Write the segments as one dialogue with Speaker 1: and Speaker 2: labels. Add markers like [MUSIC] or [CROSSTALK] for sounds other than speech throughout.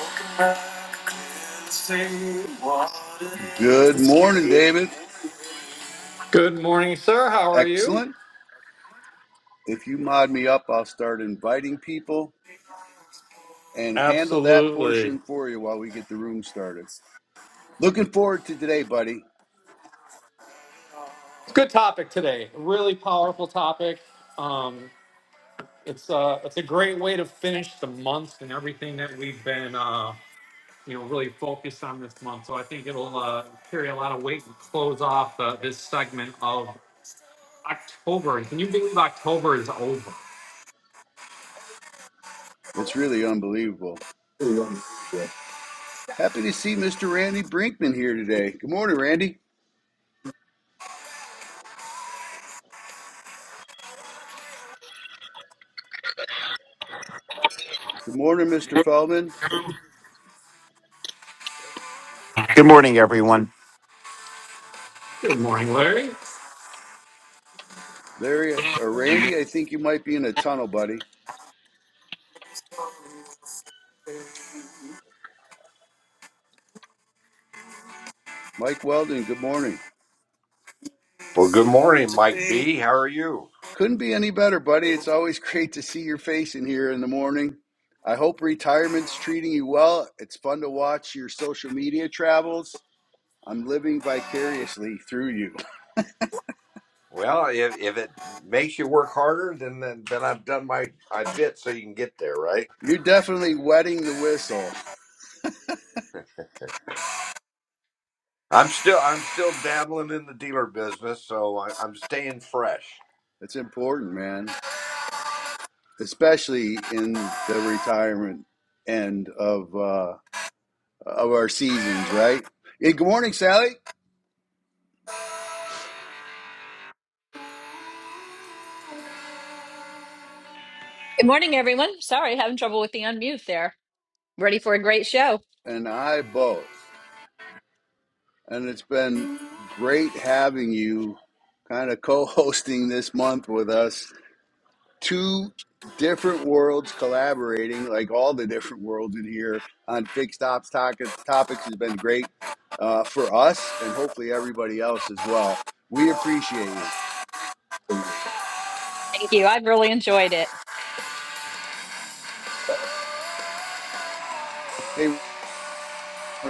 Speaker 1: Welcome back, Clancy. What it is
Speaker 2: Good
Speaker 1: that's killing
Speaker 2: morning,
Speaker 1: me.
Speaker 2: David.
Speaker 1: Good morning, sir. How are you?
Speaker 2: Excellent. If you mod me up, I'll start inviting people and handle that
Speaker 1: Absolutely.
Speaker 2: portion for you while we get the room started. Looking forward to today, buddy.
Speaker 1: Good topic today. Really powerful topic. Um, it's uh, it's a great way to finish the month and everything that we've been uh, you know really focused on this month. So I think it'll uh, carry a lot of weight and close off uh, this segment of October. Can you believe October is over?
Speaker 2: It's really unbelievable.
Speaker 1: Good
Speaker 2: Happy to see Mr. Randy Brinkman here today. Good morning, Randy. Good morning, Mr. Feldman.
Speaker 3: Good morning, everyone.
Speaker 1: morning, Larry.
Speaker 2: Larry or
Speaker 4: Mhm.
Speaker 2: Randy, I think you might be in a tunnel, buddy. Mike Weldon, good morning.
Speaker 5: Well, good morning, Mike
Speaker 1: Today.
Speaker 5: B. How are you?
Speaker 2: Couldn't be any better, buddy. It's always [LAUGHS] great to see your face in here in the morning. I hope retirement's treating you well. It's fun to watch your social media travels. I'm living vicariously through you.
Speaker 5: Well, if, if it makes you work harder, then, then then I've done my I bit so you can get there, right?
Speaker 2: [LAUGHS] You're definitely wetting the whistle.
Speaker 5: I'm still I'm still dabbling in the dealer business, so I, I'm staying fresh.
Speaker 2: It's important, man, especially in the retirement end of uh, of our seasons, right? Hey, good morning, Sally,
Speaker 6: Good morning, everyone. Sorry, having trouble with the unmute there. Ready for a great show.
Speaker 2: and I both. and it's been great having you kind of co hosting this month with us. Two different worlds collaborating, like all the different worlds in here on fixed ops toc- topics, has been great uh, for us and hopefully everybody else as well. We appreciate you.
Speaker 6: Thank you. I've really enjoyed it.
Speaker 2: Hey, one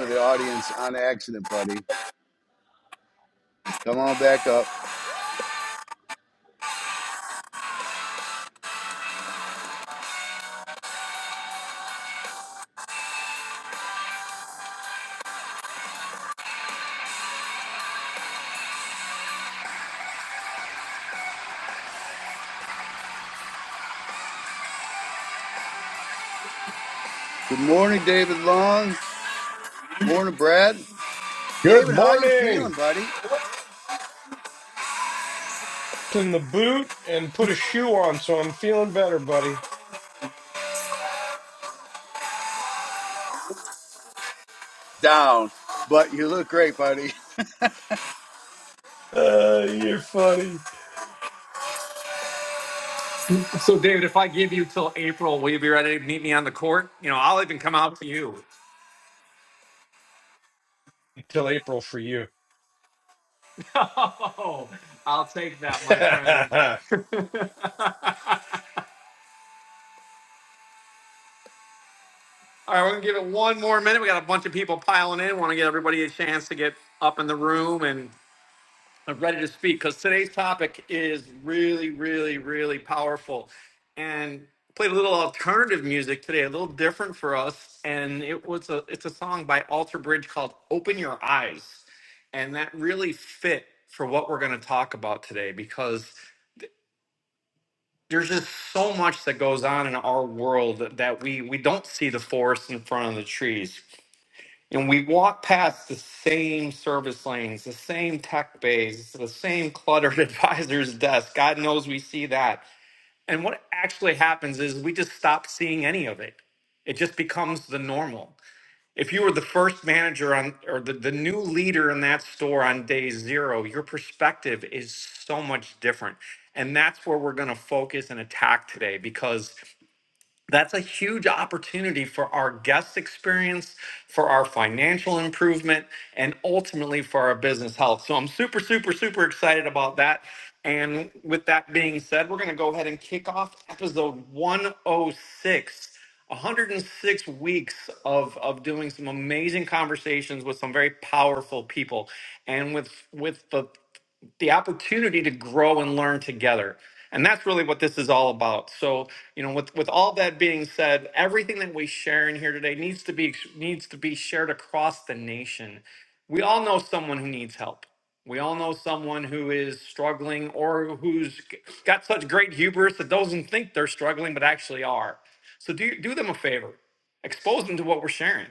Speaker 2: of the audience on accident, buddy. Come on back up. Good morning, David Long. Morning, Brad.
Speaker 7: Good
Speaker 2: David, how you
Speaker 7: morning.
Speaker 2: feeling, buddy?
Speaker 7: In the boot and put a shoe on, so I'm feeling better, buddy.
Speaker 2: Down, but you look great, buddy. [LAUGHS]
Speaker 7: Uh, you're funny.
Speaker 1: So, David, if I give you till April, will you be ready to meet me on the court? You know, I'll even come out to you. [LAUGHS]
Speaker 7: Till April for you.
Speaker 1: Oh, I'll take
Speaker 7: [LAUGHS]
Speaker 1: that, my friend.
Speaker 7: sure.
Speaker 1: [LAUGHS] All right, we're gonna give it one more minute. We got a bunch of people piling in. Want to get everybody a chance to get up in the room and. I'm ready to speak because today's topic is really, really, really powerful. And I played a little alternative music today, a little different for us. And it was a it's a song by Alter Bridge called "Open Your Eyes," and that really fit for what we're going to talk about today because there's just so much that goes on in our world that that we we don't see the forest in front of the trees. And we walk past the same service lanes, the same tech bays, the same cluttered [LAUGHS] advisor's desk. God knows we see that. And what actually happens is we just stop seeing any of it. It just becomes the normal. If you were the first manager on or the, the new leader in that store on day zero, your perspective is so much different. And that's where we're going to focus and attack today because that's a huge opportunity for our guest experience, for our financial improvement, and ultimately for our business health. So I'm super, super, super excited about that. And with that being said, we're going to go ahead and kick off episode 106. 106 weeks of, of doing some amazing conversations with some very powerful people. And with with the the opportunity to grow and learn together. And that's really what this is all about. So, you know, with with all that being said, everything that we share in here today needs to be needs to be shared across the nation. We all know someone who needs help. We all know someone who is struggling or who's got such great hubris that doesn't think they're struggling but actually are. So do do them a favor. Expose them to what we're sharing.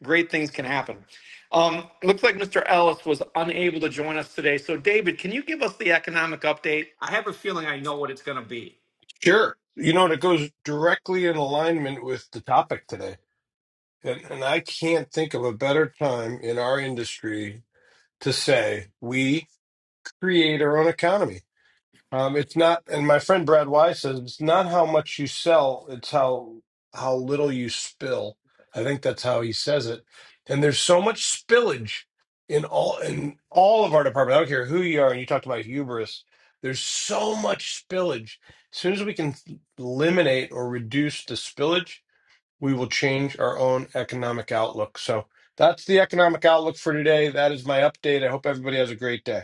Speaker 1: Great things can happen. Um, looks like Mr. Ellis was unable to join us today. So, David, can you give us the economic update? I have a feeling I know what it's going to be.
Speaker 7: You know, and it goes directly in alignment with the topic today. And, and I can't think of a better time in our industry to say we create our own economy Um, it's not, and my friend Brad Wise says it's not how much you sell; it's how how little you spill. I think that's how he says it. And there's so much spillage in all in all of our department. I don't care who you are, and you talked about hubris. There's so much spillage. As soon as we can eliminate or reduce the spillage, we will change our own economic outlook. So that's the economic outlook for today. That is my update. I hope everybody has a great day.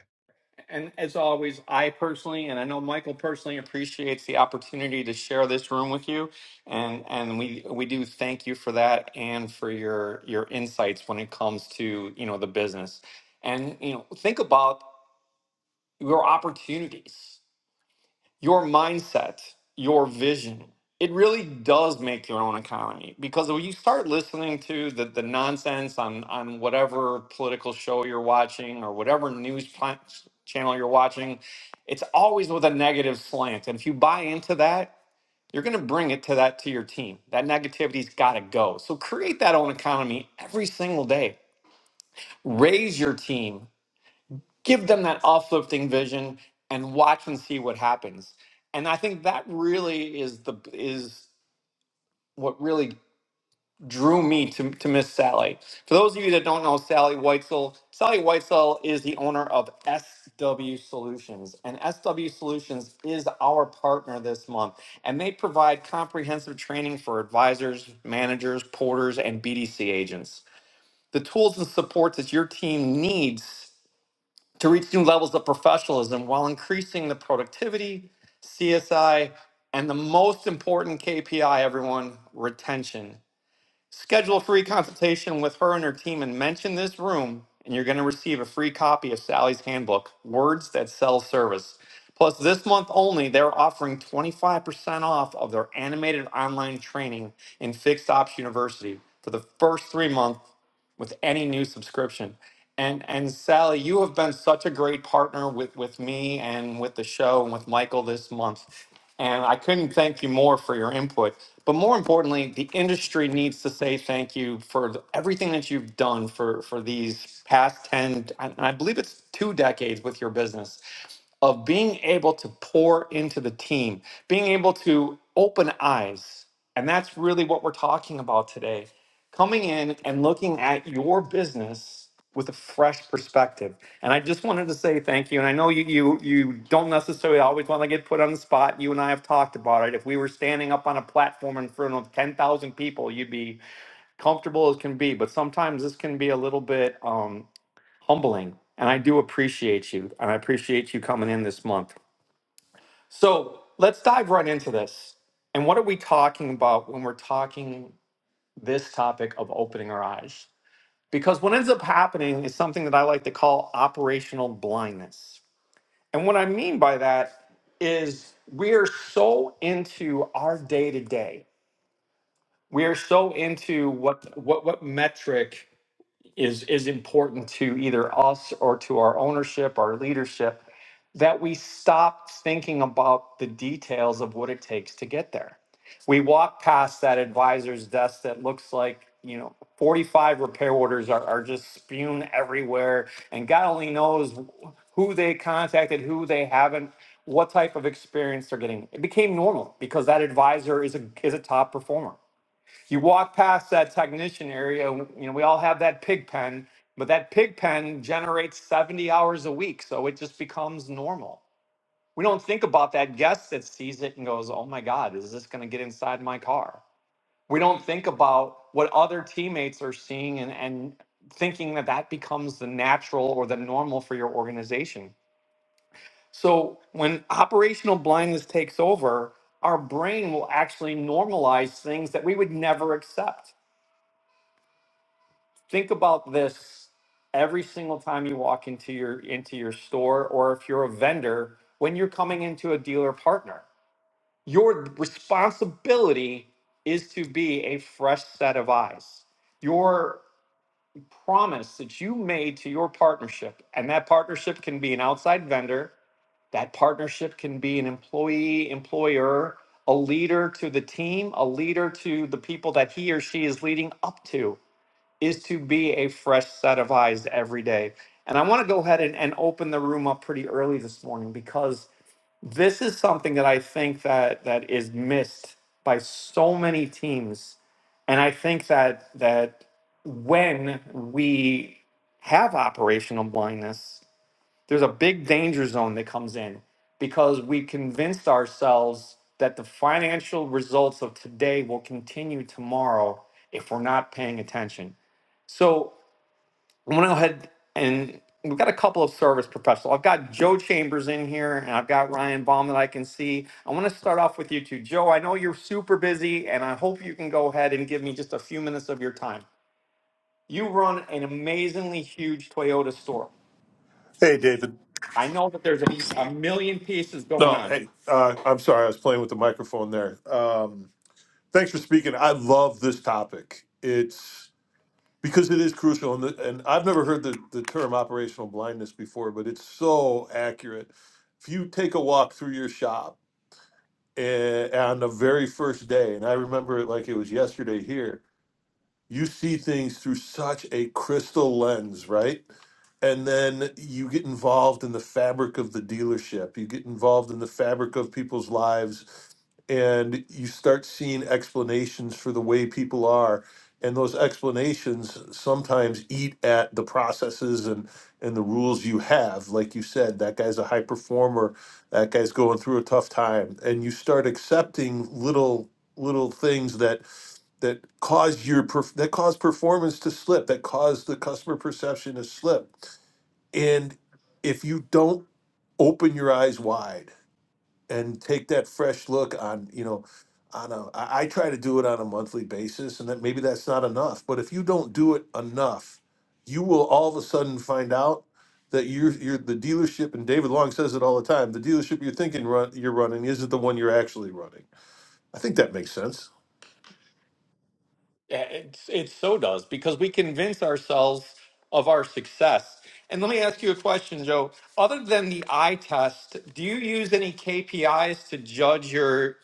Speaker 1: And as always, I personally, and I know Michael personally, appreciates the opportunity to share this room with you, and and we we do thank you for that and for your your insights when it comes to you know the business, and you know think about your opportunities. your mindset, your vision, it really does make your own economy. Because when you start listening to the, the nonsense on, on whatever political show you're watching or whatever news pla- channel you're watching, it's always with a negative slant. And if you buy into that, you're going to bring it to that to your team. That negativity's got to go. So create that own economy every single day. Raise your team give them that uplifting vision and watch and see what happens. And I think that really is the is what really drew me to, to Miss Sally. For those of you that don't know Sally Weitzel, Sally Weitzel is the owner of SW Solutions. And SW Solutions is our partner this month. And they provide comprehensive training for advisors, managers, porters, and BDC agents. The tools and support that your team needs to reach new levels of professionalism while increasing the productivity, CSI, and the most important KPI, everyone, retention. Schedule a free consultation with her and her team and mention this room, and you're going to receive a free copy of Sally's handbook, Words That Sell Service. Plus, this month only, they're offering 25% off of their animated online training in Fixed Ops University for the first three months with any new subscription. And and Sally, you have been such a great partner with with me and with the show and with Michael this month. And I couldn't thank you more for your input. But more importantly, the industry needs to say thank you for the, everything that you've done for, for these past 10, I, I believe it's two decades with your business of being able to pour into the team, being able to open eyes. And that's really what we're talking about today. Coming in and looking at your business with a fresh perspective. And I just wanted to say thank you. And I know you you you don't necessarily always want to get put on the spot. You and I have talked about it. If we were standing up on a platform in front of 10,000 people, you'd be comfortable as can be, but sometimes this can be a little bit um humbling. And I do appreciate you. And I appreciate you coming in this month. So let's dive right into this. And what are we talking about when we're talking this topic of opening our eyes? Because what ends up happening is something that I like to call operational blindness. And what I mean by that is we are so into our day to day. We are so into what what what metric is is important to either us or to our ownership, our leadership, that we stop thinking about the details of what it takes to get there. We walk past that advisor's desk that looks like, you know, 45 repair orders are, are just spewing everywhere. And God only knows who they contacted, who they haven't, what type of experience they're getting. It became normal because that advisor is a, is a top performer. You walk past that technician area, you know, we all have that pig pen, but that pig pen generates 70 hours a week. So it just becomes normal we don't think about that guest that sees it and goes, oh my God, is this going to get inside my car? We don't think about what other teammates are seeing and, and thinking that that becomes the natural or the normal for your organization. So when operational blindness takes over, our brain will actually normalize things that we would never accept. Think about this every single time you walk into your into your store or if you're a vendor when you're coming into a dealer partner Your responsibility is to be a fresh set of eyes. Your promise that you made to your partnership, and that partnership can be an outside vendor, that partnership can be an employee, employer, a leader to the team, a leader to the people that he or she is leading up to, is to be a fresh set of eyes every day. And I want to go ahead and, and open the room up pretty early this morning because this is something that I think that that is missed by so many teams, and I think that that when we have operational blindness, there's a big danger zone that comes in because we convinced ourselves that the financial results of today will continue tomorrow if we're not paying attention. So I'm gonna go ahead and we've got a couple of service professionals. I've got Joe Chambers in here and I've got Ryan Baum that I can see. I want to start off with you two. Joe, I know you're super busy and I hope you can go ahead and give me just a few minutes of your time. You run an amazingly huge Toyota store.
Speaker 8: Hey, David.
Speaker 1: I know that there's a, a million pieces going
Speaker 8: No,
Speaker 1: on.
Speaker 8: hey, uh, I'm sorry. I was playing with the microphone there. Um, thanks for speaking. I love this topic. It's because it is crucial, and, the, and I've never heard the, the term operational blindness before, but it's so accurate. If you take a walk through your shop eh, on the very first day, and I remember it like it was yesterday here, you see things through such a crystal lens, right? And then you get involved in the fabric of the dealership. You get involved in the fabric of people's lives and you start seeing explanations for the way people are. And those explanations sometimes eat at the processes and, and the rules you have. Like you said, that guy's a high performer, that guy's going through a tough time. And you start accepting little little things that that cause your perf- that cause performance to slip that cause the customer perception to slip and if you don't open your eyes wide and take that fresh look on you know on a I, I try to do it on a monthly basis and that maybe that's not enough but if you don't do it enough you will all of a sudden find out that you're, you're the dealership and david long says it all the time the dealership you're thinking run, you're running isn't the one you're actually running i think that makes sense
Speaker 1: Yeah, It's, it so does because we convince ourselves of our success. And let me ask you a question, Joe. Other than the eye test, do you use any KPIs to judge your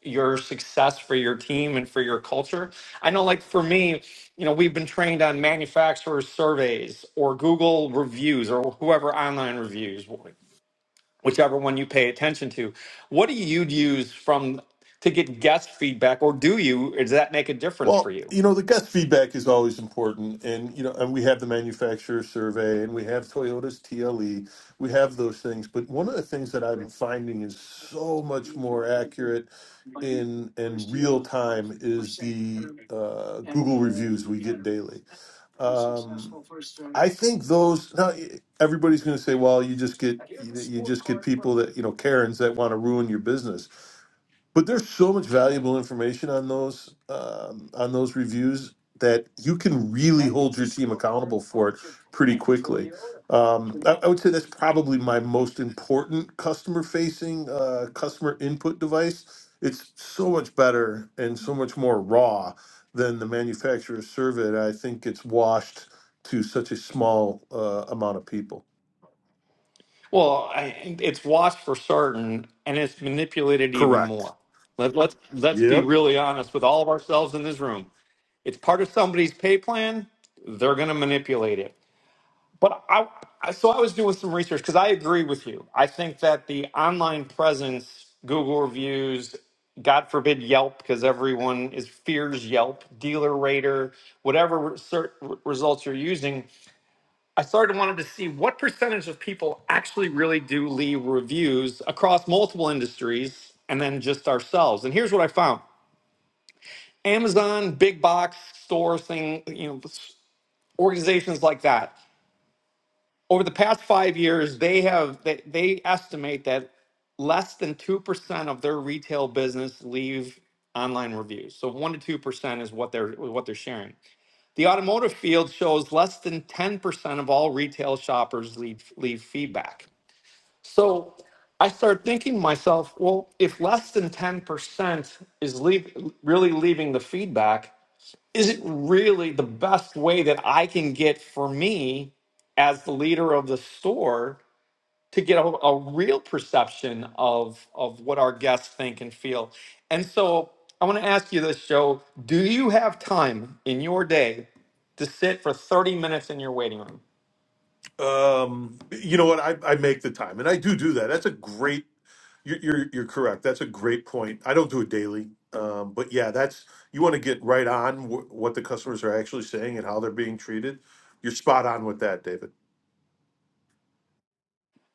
Speaker 1: your success for your team and for your culture? I know, like for me, you know, we've been trained on manufacturer surveys or Google reviews or whoever online reviews, whichever one you pay attention to. What do you use from to get guest feedback, or do you? Does that make a difference for
Speaker 8: Well,
Speaker 1: you?
Speaker 8: you know, the guest feedback is always important. And, you know, and we have the manufacturer survey and we have Toyota's TLE. We have those things. But one of the things that I'm finding is so much more accurate in in real time is the uh, Google reviews we get daily. Um, I think those now e, everybody's going to say, well, you just get you, you just get people that, you know, Karens that want to ruin your business. But there's so much valuable information on those um, on those reviews that you can really hold your team accountable for it pretty quickly. Um, I, I would say that's probably my most important customer-facing uh, customer input device. It's so much better and so much more raw than the manufacturer's survey. that I think it's washed to such a small uh, amount of people.
Speaker 1: Well, I, it's watched for certain, and it's manipulated even
Speaker 8: Correct.
Speaker 1: more. Let, let's let's be
Speaker 8: Yep.
Speaker 1: really honest with all of ourselves in this room. It's part of somebody's pay plan. They're going to manipulate it. But I, I so I was doing some research because I agree with you. I think that the online presence, Google reviews, God forbid Yelp, because everyone is fears Yelp, Dealer Rater, whatever re- cert, results you're using I started wanted to see what percentage of people actually really do leave reviews across multiple industries and then just ourselves. And here's what I found. Amazon, big box store thing, you know, organizations like that. Over the past 5 years, they have they, they estimate that less than 2% of their retail business leave online reviews. So 1 to 2% is what they're what they're sharing. The automotive field shows less than 10% of all retail shoppers leave leave feedback. So I started thinking to myself, well, if less than 10% is leave, really leaving the feedback, is it really the best way that I can get for me as the leader of the store to get a, a real perception of, of what our guests think and feel? And so I want to ask you this, Joe. Do you have time in your day to sit for 30 minutes in your waiting room?
Speaker 8: Um, you know what? I, I make the time, and I do do that. That's a great. You're, you're you're correct. That's a great point. I don't do it daily, um, but yeah, that's you want to get right on wh- what the customers are actually saying and how they're being treated. You're spot on with that, David.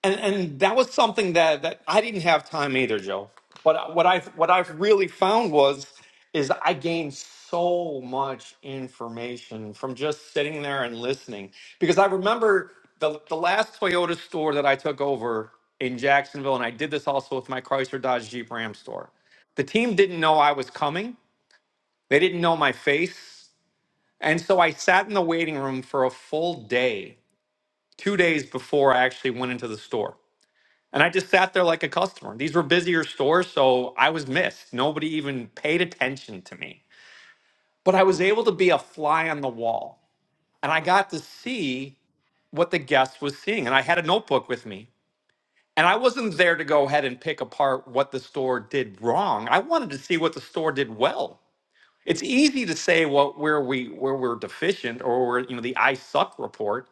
Speaker 1: and and that was something that that I didn't have time either, Joe. But what I have what I've really found was is I gained so much information from just sitting there and listening because I remember the the last Toyota store that I took over in Jacksonville, and I did this also with my Chrysler Dodge Jeep Ram store. The team didn't know I was coming. They didn't know my face. And so I sat in the waiting room for a full day, two days before I actually went into the store. And I just sat there like a customer. These were busier stores, so I was missed. Nobody even paid attention to me. But I was able to be a fly on the wall. And I got to see what the guest was seeing. And I had a notebook with me. And I wasn't there to go ahead and pick apart what the store did wrong. I wanted to see what the store did well. It's easy to say what where we where we're deficient or where you know the I suck report,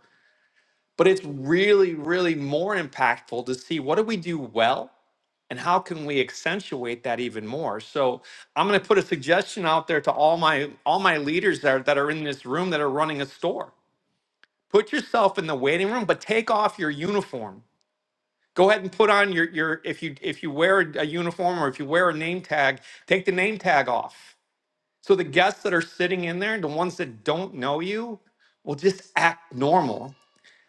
Speaker 1: but it's really, really more impactful to see what do we do well and how can we accentuate that even more so i'm going to put a suggestion out there to all my all my leaders that are, that are in this room that are running a store put yourself in the waiting room but take off your uniform go ahead and put on your your if you if you wear a uniform or if you wear a name tag take the name tag off so the guests that are sitting in there the ones that don't know you will just act normal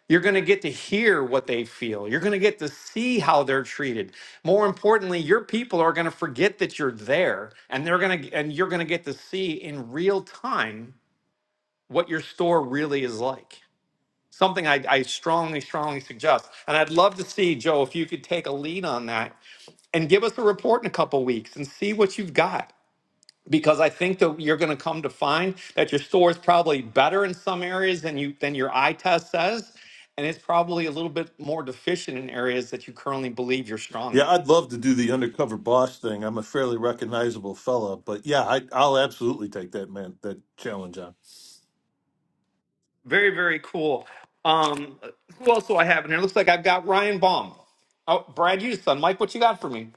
Speaker 1: you're going to get to hear what they feel. You're going to get to see how they're treated. More importantly, your people are going to forget that you're there and they're going to and you're going to get to see in real time what your store really is like. Something I, I strongly, strongly suggest. And I'd love to see, Joe, if you could take a lead on that and give us a report in a couple weeks and see what you've got because I think that you're going to come to find that your store is probably better in some areas than you than your eye test says, and it's probably a little bit more deficient in areas that you currently believe you're strong in.
Speaker 8: Yeah, I'd love to do the undercover boss thing. I'm a fairly recognizable fella, but yeah, I, I'll absolutely take that man that challenge on.
Speaker 1: Very very cool. Um, who else do I have in here? Looks like I've got Ryan Baum. Oh, Brad Houston. Mike, what you got for me?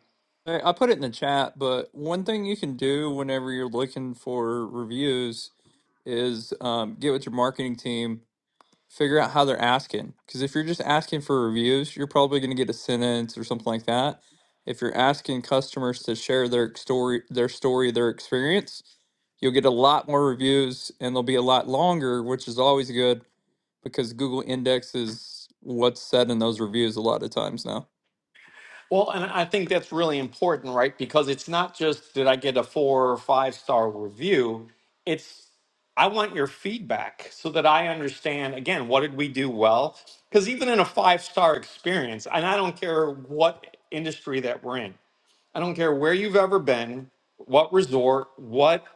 Speaker 9: Hey, I put it in the chat, but one thing you can do whenever you're looking for reviews is um, get with your marketing team, figure out how they're asking. Because if you're just asking for reviews, you're probably going to get a sentence or something like that. If you're asking customers to share their story, their story, their experience, you'll get a lot more reviews and they'll be a lot longer, which is always good because Google indexes what's said in those reviews a lot of times now.
Speaker 1: Well, and I think that's really important, right? Because it's not just did I get a four or five star review, it's I want your feedback so that I understand again what did we do well? Because even in a five star experience, and I don't care what industry that we're in, I don't care where you've ever been, what resort, what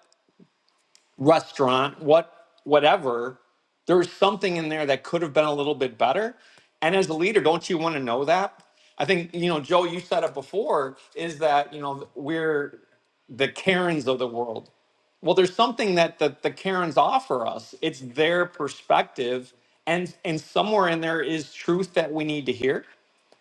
Speaker 1: restaurant, what whatever, there's something in there that could have been a little bit better. And as a leader, don't you want to know that? I think, you know, Joe, you said it before, is that, you know, we're the Karens of the world. Well, there's something that the, the Karens offer us. It's their perspective. And and somewhere in there is truth that we need to hear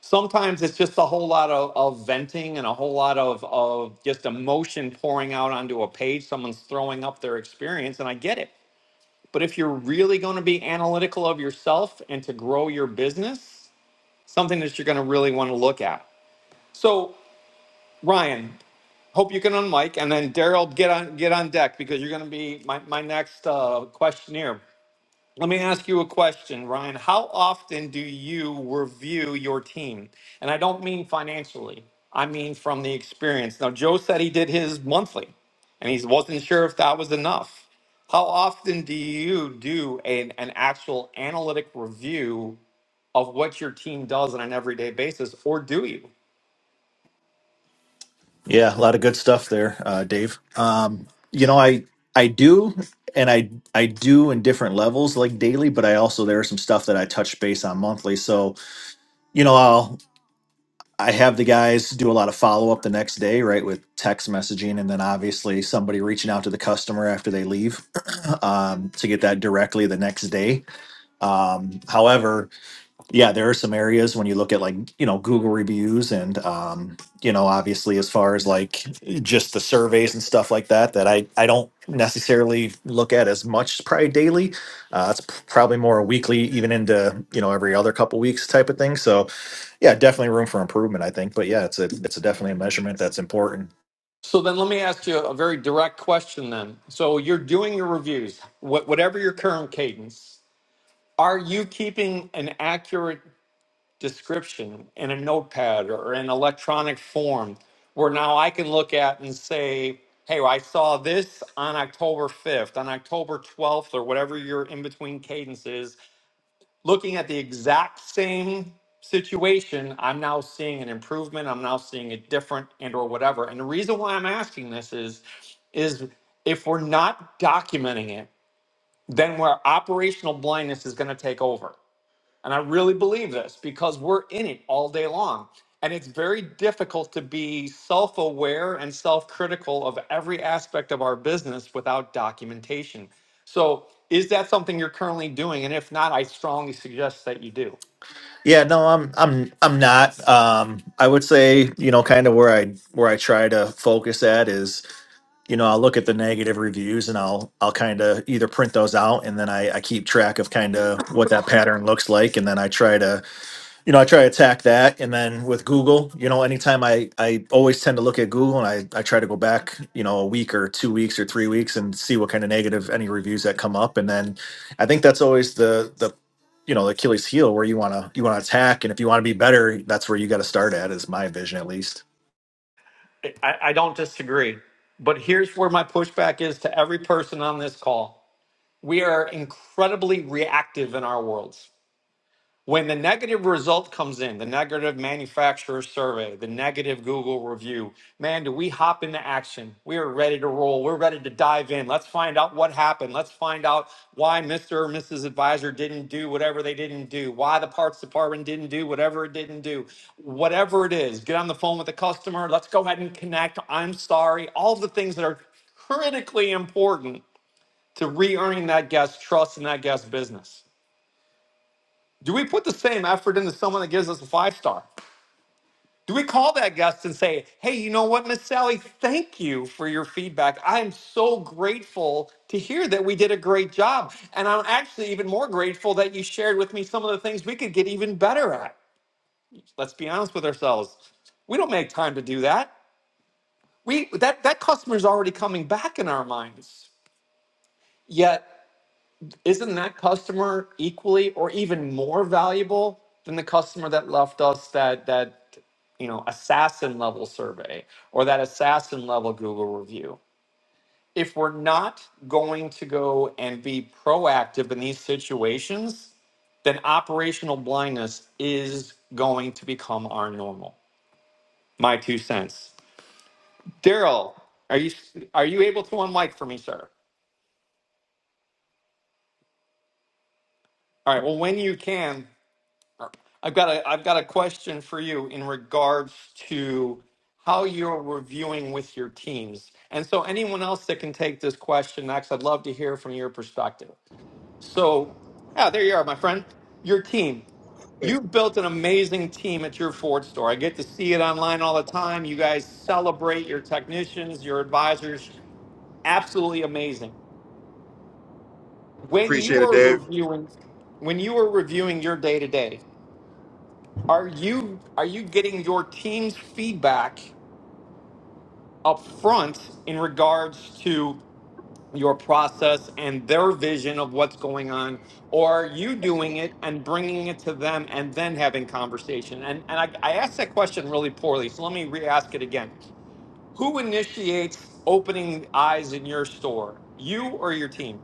Speaker 1: sometimes it's just a whole lot of, of venting and a whole lot of, of just emotion pouring out onto a page. Someone's throwing up their experience, and I get it. But if you're really going to be analytical of yourself and to grow your business, something that you're going to really want to look at. So, Ryan, hope you can unmic, and then Daryl, get on get on deck because you're going to be my, my next uh, questionnaire. Let me ask you a question, Ryan. How often do you review your team? And I don't mean financially, I mean from the experience. Now, Joe said he did his monthly and he wasn't sure if that was enough. How often do you do an, an actual analytic review of what your team does on an everyday basis, or do you?
Speaker 10: Yeah, a lot of good stuff there, uh, Dave. Um, you know, I I do, and I I do in different levels, like daily. But I also there are some stuff that I touch base on monthly. So you know, I'll I have the guys do a lot of follow up the next day, right, with text messaging, and then obviously somebody reaching out to the customer after they leave [CLEARS THROAT] um, to get that directly the next day. Um, however, yeah, there are some areas when you look at like, you know, Google reviews and, um, you know, obviously as far as like just the surveys and stuff like that, that I, I don't necessarily look at as much probably daily. Uh, it's p- probably more weekly, even into, you know, every other couple weeks type of thing. So yeah, definitely room for improvement, I think. But yeah, it's a, it's a definitely a measurement that's important.
Speaker 1: So then let me ask you a very direct question then. So you're doing your reviews, wh- whatever your current cadence, are you keeping an accurate description in a notepad or in electronic form where now I can look at and say, hey, I saw this on October 5th, on October 12th, or whatever your in between cadence is, looking at the exact same situation i'm now seeing an improvement i'm now seeing it different and or whatever and the reason why i'm asking this is is if we're not documenting it then where operational blindness is going to take over and I really believe this because we're in it all day long. And it's very difficult to be self aware and self critical of every aspect of our business without documentation. So, is that something you're currently doing? And if not, I strongly suggest that you do.
Speaker 10: Yeah, no, I'm, I'm, I'm not, um, I would say, you know, kind of where I, where I try to focus at is, you know, I'll look at the negative reviews and I'll I'll kind of either print those out and then I, I keep track of kind of what that pattern looks like and then I try to you know I try to attack that and then with Google you know anytime I I always tend to look at Google and I I try to go back you know a week or two weeks or three weeks and see what kind of negative any reviews that come up and then I think that's always the the you know the Achilles heel where you want to you want to attack and if you want to be better that's where you got to start at is my vision at least.
Speaker 1: I, I don't disagree. But here's where my pushback is to every person on this call we are incredibly reactive in our worlds When the negative result comes in, the negative manufacturer survey, the negative Google review, man, do we hop into action? We are ready to roll. We're ready to dive in. Let's find out what happened. Let's find out why Mr. or Mrs. Advisor didn't do whatever they didn't do, why the parts department didn't do whatever it didn't do, whatever it is. Get on the phone with the customer. Let's go ahead and connect. I'm sorry. All the things that are critically important to re earning that guest trust in that guest business. Do we put the same effort into someone that gives us a five star? Do we call that guest and say, hey, you know what, Miss Sally, thank you for your feedback. I am so grateful to hear that we did a great job. And I'm actually even more grateful that you shared with me some of the things we could get even better at. Let's be honest with ourselves. We don't make time to do that. We that that customer's already coming back in our minds. Yet isn't that customer equally or even more valuable than the customer that left us that that you know assassin level survey or that assassin level google review if we're not going to go and be proactive in these situations then operational blindness is going to become our normal my two cents daryl are you are you able to unmic for me sir all right well when you can I've got a I've got a question for you in regards to how you're reviewing with your teams. And so anyone else that can take this question, Max, I'd love to hear from your perspective. So yeah, there you are, my friend. Your team. You've built an amazing team at your Ford store. I get to see it online all the time. You guys celebrate your technicians, your advisors. Absolutely amazing. When you
Speaker 11: Appreciate it,
Speaker 1: are
Speaker 11: Dave.
Speaker 1: reviewing when you are reviewing your day to day, Are you are you getting your team's feedback up front in regards to your process and their vision of what's going on, or are you doing it and bringing it to them and then having conversation? And and I, I asked that question really poorly, so let me re-ask it again. Who initiates opening eyes in your store, you or your team?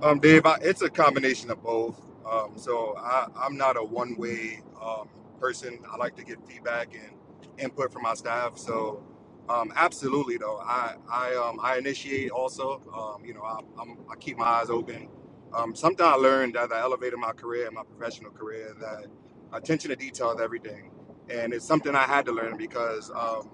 Speaker 11: Um, Dave, I, it's a combination of both. Um, so I, I'm not a one-way um, person. I like to get feedback and input from my staff. So um, absolutely, though, I I, um, I initiate also. Um, you know, I, I'm, I keep my eyes open. Um, something I learned as I elevated my career and my professional career that attention to detail is everything, and it's something I had to learn because um,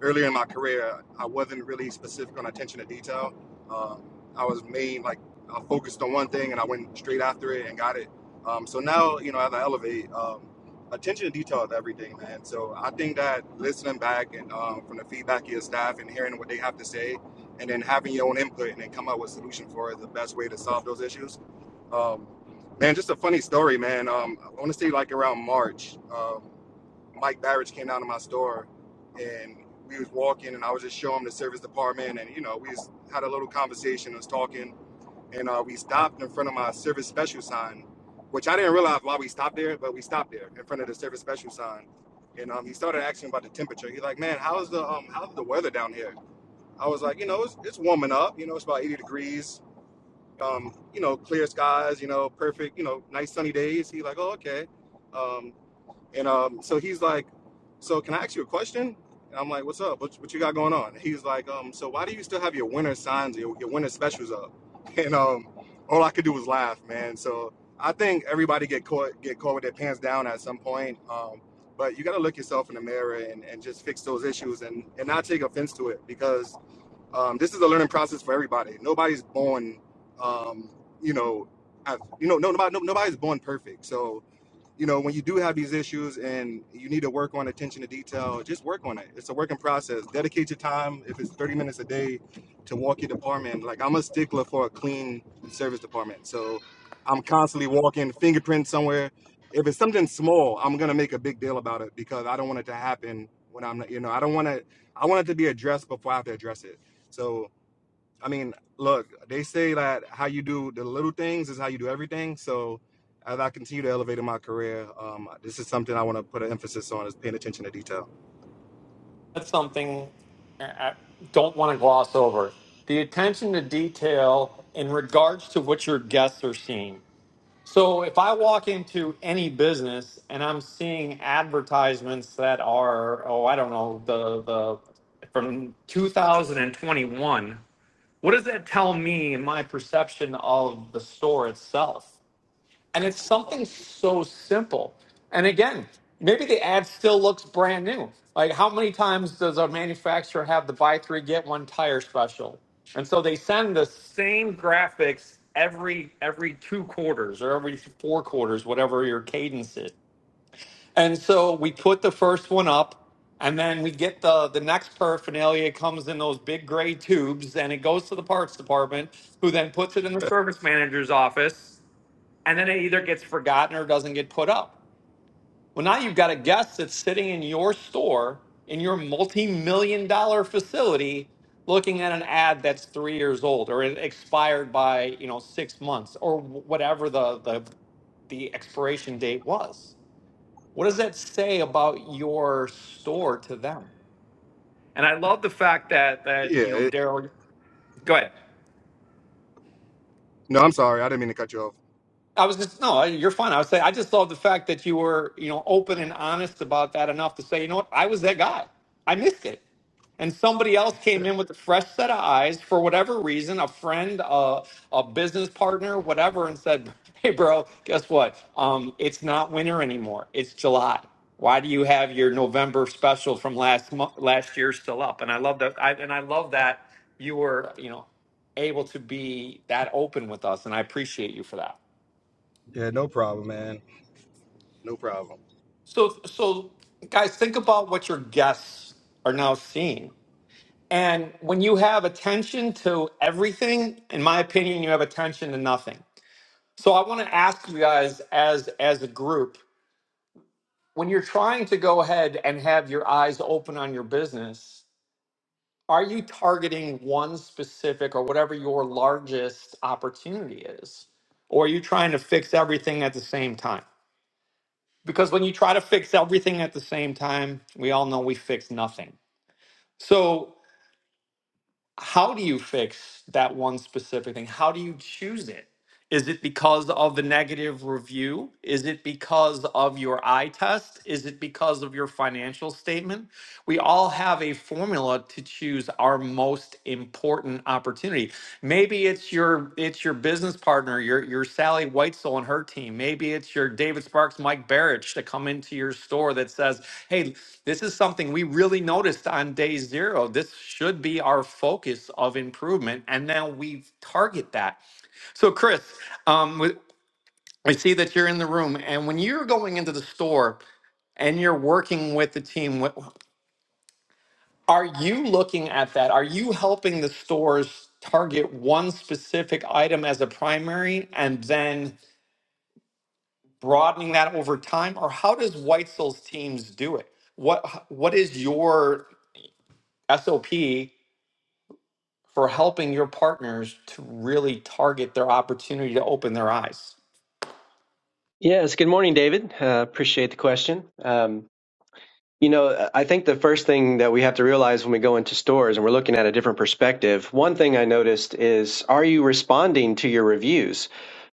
Speaker 11: earlier in my career I wasn't really specific on attention to detail. Um, I was made like I focused on one thing and I went straight after it and got it. Um, so now, you know, as I elevate, um, attention to detail is everything, man. So I think that listening back and um, from the feedback of your staff and hearing what they have to say, and then having your own input and then come up with a solution for it, the best way to solve those issues. Um, man, just a funny story, man. Um, I want to say like around March, um, Mike Barrage came down to my store and we was walking and I was just showing him the service department and you know we just had a little conversation, was talking and uh, we stopped in front of my service special sign, which I didn't realize why we stopped there, but we stopped there in front of the service special sign. And um, he started asking about the temperature. He's like, "Man, how's the um, how's the weather down here?" I was like, "You know, it's, it's warming up. You know, it's about 80 degrees. Um, you know, clear skies. You know, perfect. You know, nice sunny days." He's like, "Oh, okay." Um, and um, so he's like, "So can I ask you a question?" And I'm like, "What's up? What, what you got going on?" And he's like, um, "So why do you still have your winter signs, your, your winter specials up?" [LAUGHS] And um, all I could do was laugh, man. So I think everybody get caught get caught with their pants down at some point. Um, but you got to look yourself in the mirror and, and just fix those issues and, and not take offense to it because um, this is a learning process for everybody. Nobody's born, um, you know, I, you know, no, nobody, no, nobody's born perfect. So you know, when you do have these issues and you need to work on attention to detail, just work on it. It's a working process. Dedicate your time, if it's 30 minutes a day, to walk your department. Like I'm a stickler for a clean service department. So I'm constantly walking fingerprints somewhere. If it's something small, I'm gonna make a big deal about it because I don't want it to happen when I'm not, you know, I don't want to, I want it to be addressed before I have to address it. So I mean, look, they say that how you do the little things is how you do everything. So as I continue to elevate in my career, um, this is something I want to put an emphasis on is paying attention to detail.
Speaker 1: that's something I don't want to gloss over. The attention to detail in regards to what your guests are seeing. So, if I walk into any business and I'm seeing advertisements that are, oh, I don't know, the, the from 2021, what does that tell me in my perception of the store itself? And it's something so simple. And again, maybe the ad still looks brand new. Like, how many times does a manufacturer have the buy three, get one tire special? And so they send the same graphics every every two quarters or every four quarters, whatever your cadence is. And so we put the first one up, and then we get the the next paraphernalia It comes in those big gray tubes, and it goes to the parts department, who then puts it in the service manager's office, and then it either gets forgotten or doesn't get put up. Well, now you've got a guest that's sitting in your store in your multi-million dollar facility looking at an ad that's three years old or it expired by you know six months or wh- whatever the the, the expiration date was what does that say about your store to them and i love the fact that that
Speaker 11: Yeah.
Speaker 1: you know
Speaker 11: It,
Speaker 1: daryl go ahead
Speaker 11: no, I'm sorry. I didn't mean to cut you off.
Speaker 1: I was just no, you're fine. I was saying I just love the fact that you were, you know, open and honest about that enough to say, you know what, I was that guy. I missed it. And somebody else came in with a fresh set of eyes for whatever reason, a friend, a, a business partner, whatever, and said, [LAUGHS] Hey bro, guess what? Um, it's not winter anymore. It's July. Why do you have your November special from last month last year still up? And I love that I and I love that you were, you know, able to be that open with us. And I appreciate you for that.
Speaker 11: Yeah, no problem, man. No problem.
Speaker 1: So, so guys, think about what your guests are now seeing. And when you have attention to everything, in my opinion, you have attention to nothing. So I want to ask you guys as as a group, when you're trying to go ahead and have your eyes open on your business, are you targeting one specific or whatever your largest opportunity is? Or are you trying to fix everything at the same time? Because when you try to fix everything at the same time, we all know we fix nothing. So, how do you fix that one specific thing? How do you choose it? Is it because of the negative review? Is it because of your eye test? Is it because of your financial statement? We all have a formula to choose our most important opportunity. Maybe it's your it's your business partner, your your Sally Whitesell and her team. Maybe it's your David Sparks, Mike Barrich to come into your store that says, "Hey, this is something we really noticed on day 0. This should be our focus of improvement." And now we target that. So, Chris, um, we- I see that you're in the room, and when you're going into the store and you're working with the team, what, are you looking at that? Are you helping the stores target one specific item as a primary and then broadening that over time, or how does Weitzel's teams do it? What What is your SOP for helping your partners to really target their opportunity to open their eyes?
Speaker 12: Yes, good morning, David. Uh, appreciate the question. Um, you know, I think the first thing that we have to realize when we go into stores and we're looking at a different perspective, one thing I noticed is are you responding to your reviews?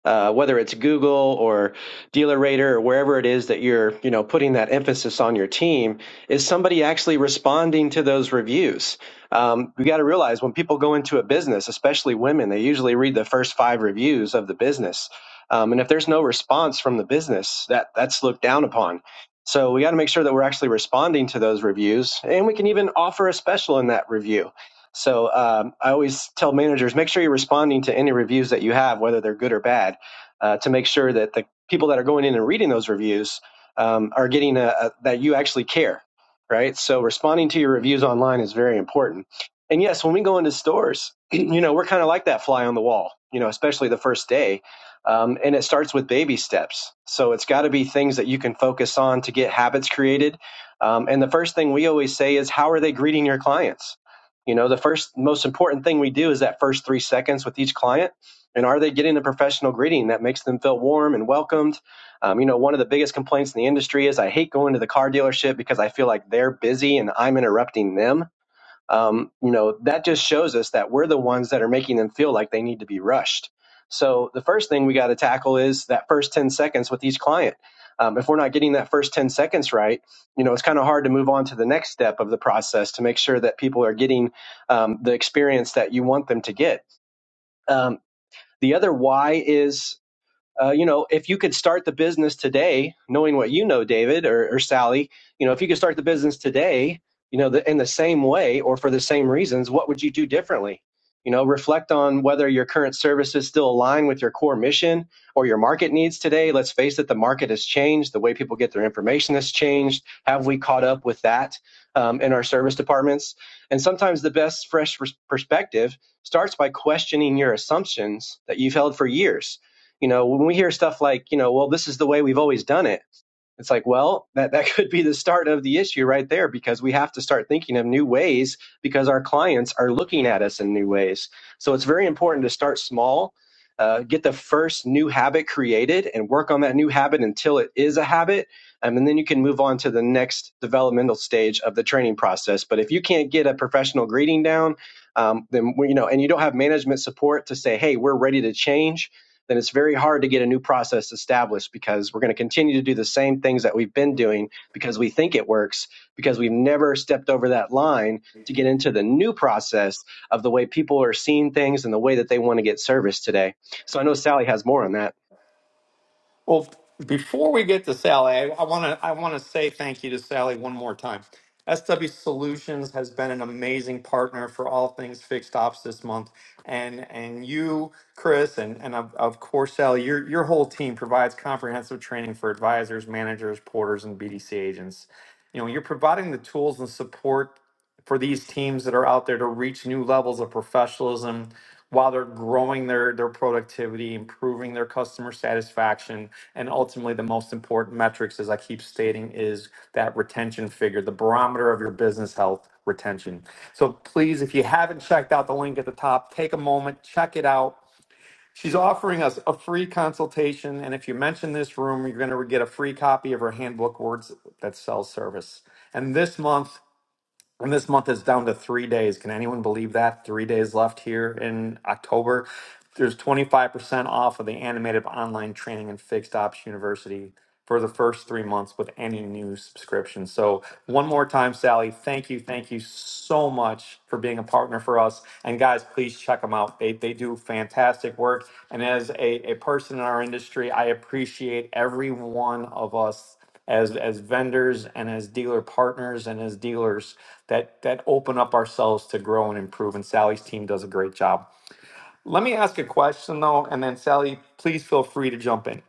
Speaker 12: Uh, whether it's Google or DealerRater or wherever it is that you're, you know, putting that emphasis on your team, is somebody actually responding to those reviews? Um, we got to realize when people go into a business, especially women, they usually read the first five reviews of the business, um, and if there's no response from the business, that that's looked down upon so we got to make sure that we're actually responding to those reviews, and we can even offer a special in that review. So um, I always tell managers make sure you're responding to any reviews that you have, whether they're good or bad, uh, to make sure that the people that are going in and reading those reviews um, are getting a, a, that you actually care, right? So responding to your reviews online is very important. And yes, when we go into stores, [CLEARS THROAT] you know we're kind of like that fly on the wall, you know, especially the first day um, and it starts with baby steps. So it's got to be things that you can focus on to get habits created. Um, and the first thing we always say is, how are they greeting your clients? You know, the first most important thing we do is that first three seconds with each client. And are they getting a professional greeting that makes them feel warm and welcomed? Um, you know, one of the biggest complaints in the industry is I hate going to the car dealership because I feel like they're busy and I'm interrupting them um, you know that just shows us that we're the ones that are making them feel like they need to be rushed so the first thing we got to tackle is that first 10 seconds with each client um, if we're not getting that first 10 seconds right you know it's kind of hard to move on to the next step of the process to make sure that people are getting um, the experience that you want them to get um, the other why is uh, you know, if you could start the business today, knowing what you know, David or, or Sally, you know, if you could start the business today, you know, the, in the same way or for the same reasons, what would you do differently? You know, reflect on whether your current services still align with your core mission or your market needs today. Let's face it, the market has changed. The way people get their information has changed. Have we caught up with that um, in our service departments? And sometimes the best fresh perspective starts by questioning your assumptions that you've held for years you know, when we hear stuff like, you know, well, this is the way we've always done it, it's like, well, that, that [LAUGHS] could be the start of the issue right there because we have to start thinking of new ways because our clients are looking at us in new ways. So it's very important to start small, uh, get the first new habit created and work on that new habit until it is a habit. Um, and then you can move on to the next developmental stage of the training process. But if you can't get a professional greeting down, um, then well, you know, and you don't have management support to say, "Hey, we're ready to change," then it's very hard to get a new process established because we're going to continue to do the same things that we've been doing because we think it works, because we've never stepped over that line to get into the new process of the way people are seeing things and the way that they want to get service today. So I know Sally has more on that.
Speaker 1: Well, before we get to Sally, I I want to I want to say thank you to Sally one more time. SW Solutions has been an amazing partner for all things fixed ops this month, and and you, Chris, and and of, of course Sally, your your whole team provides comprehensive training for advisors, managers, porters, and BDC agents. You know, you're providing the tools and support for these teams that are out there to reach new levels of professionalism while they're growing their, their productivity, improving their customer satisfaction, and ultimately the most important metrics, as I keep stating, is that retention figure, the barometer of your business health retention. So please, if you haven't checked out the link at the top, take a moment, check it out. She's offering us a free consultation, and if you mention this room, you're going to get a free copy of her handbook, Words That Sell Service. And this month, and this month is down to three days. Can anyone believe that? Three days left here in October. There's 25% off of the animated online training and fixed ops university for the first three months with any new subscription. So, one more time, Sally, thank you, thank you so much for being a partner for us. And, guys, please check them out. They, they do fantastic work. And, as a, a person in our industry, I appreciate every one of us. As, as vendors and as dealer partners and as dealers that that open up ourselves to grow and improve and Sally's team does a great job. Let me ask a question though and then Sally please feel free to jump in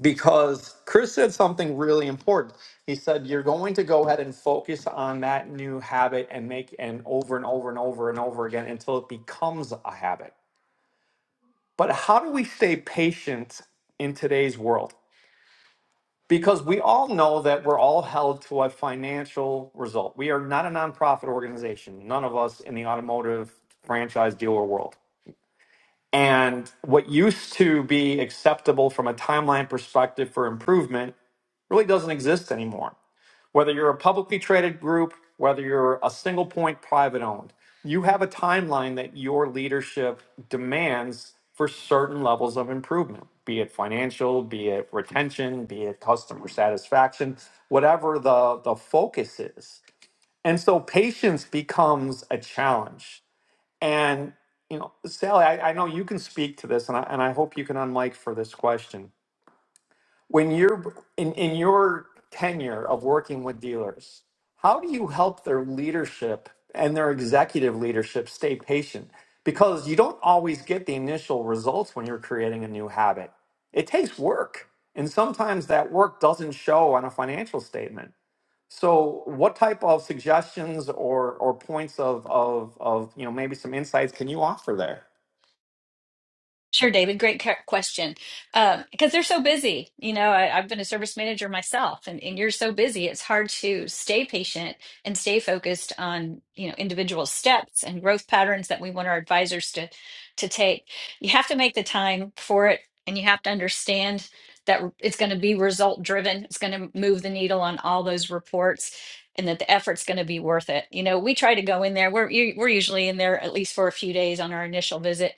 Speaker 1: because Chris said something really important. He said you're going to go ahead and focus on that new habit and make and over and over and over and over again until it becomes a habit. But how do we stay patient in today's world? Because we all know that we're all held to a financial result. We are not a nonprofit organization, none of us in the automotive franchise dealer world. And what used to be acceptable from a timeline perspective for improvement really doesn't exist anymore. whether you're a publicly traded group, whether you're a single point private owned, you have a timeline that your leadership demands for certain levels of improvement, be it financial, be it retention, be it customer satisfaction, whatever the, the focus is. And so patience becomes a challenge. And, you know, Sally, I, I know you can speak to this, and I, and I hope you can unmic for this question when you're in, in your tenure of working with dealers how do you help their leadership and their executive leadership stay patient because you don't always get the initial results when you're creating a new habit it takes work and sometimes that work doesn't show on a financial statement so what type of suggestions or or points of of of you know maybe some insights can you offer there
Speaker 6: Sure, David. Great cu- question. Um, because they're so busy. You know, I, I've been a service manager myself, and, and you're so busy. It's hard to stay patient and stay focused on, you know, individual steps and growth patterns that we want our advisors to to take. You have to make the time for it, and you have to understand that it's going to be result driven. It's going to move the needle on all those reports. And that the effort's going to be worth it. You know, we try to go in there. We're u- we're usually in there at least for a few days on our initial visit,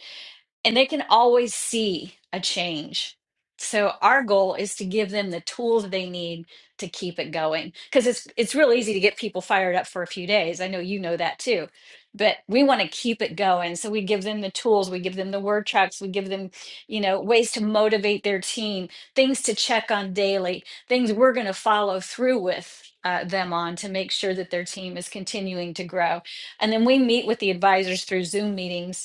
Speaker 6: and they can always see a change. So our goal is to give them the tools they need to keep it going because it's it's real easy to get people fired up for a few days. I know you know that too. But we want to keep it going. So we give them the tools, we give them the word tracks, we give them, you know, ways to motivate their team, things to check on daily, things we're going to follow through with uh, them on to make sure that their team is continuing to grow. And then we meet with the advisors through Zoom meetings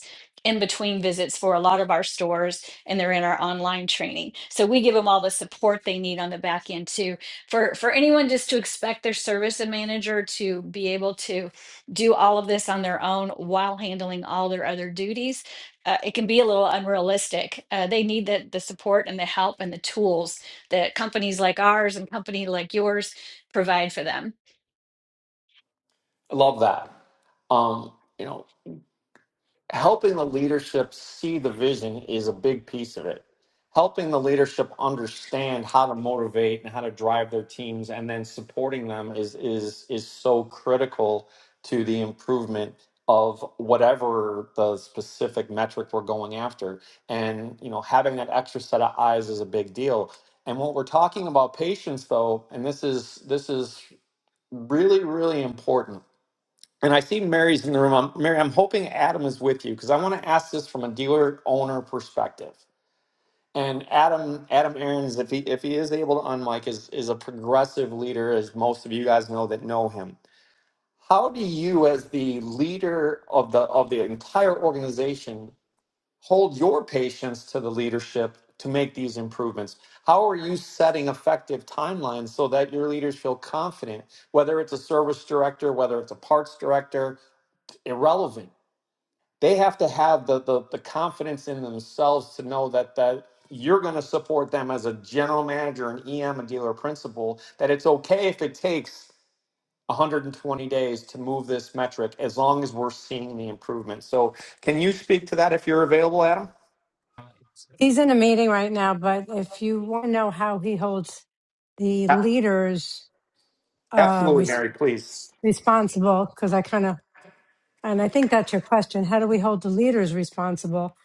Speaker 6: in between visits for a lot of our stores and they're in our online training so we give them all the support they need on the back end too for for anyone just to expect their service and manager to be able to do all of this on their own while handling all their other duties uh, it can be a little unrealistic uh, they need the, the support and the help and the tools that companies like ours and company like yours provide for them
Speaker 1: I love that um, you know helping the leadership see the vision is a big piece of it. Helping the leadership understand how to motivate and how to drive their teams, and then supporting them is is is so critical to the improvement of whatever the specific metric we're going after. And you know, having that extra set of eyes is a big deal. And when we're talking about patience, though, and this is this is really really important and I see Mary's in the room. I'm, Mary, I'm hoping Adam is with you because I want to ask this from a dealer owner perspective. And Adam, Adam Aaron's, if he if he is able to unmic, is is a progressive leader, as most of you guys know that know him. How do you, as the leader of the of the entire organization, hold your patients to the leadership to make these improvements? How are you setting effective timelines so that your leaders feel confident, whether it's a service director, whether it's a parts director, irrelevant they have to have the the, the confidence in themselves to know that that you're going to support them as a general manager and EM and dealer principal that it's okay if it takes 120 days to move this metric as long as we're seeing the improvement. So, can you speak to that if you're available, Adam?
Speaker 13: He's in a meeting right now, but if you want to know how he holds the
Speaker 1: A-
Speaker 13: leaders uh,
Speaker 1: Absolutely,
Speaker 13: res-
Speaker 1: Mary, please.
Speaker 13: responsible, because I kind of, and I think that's your question. How do we hold the leaders responsible?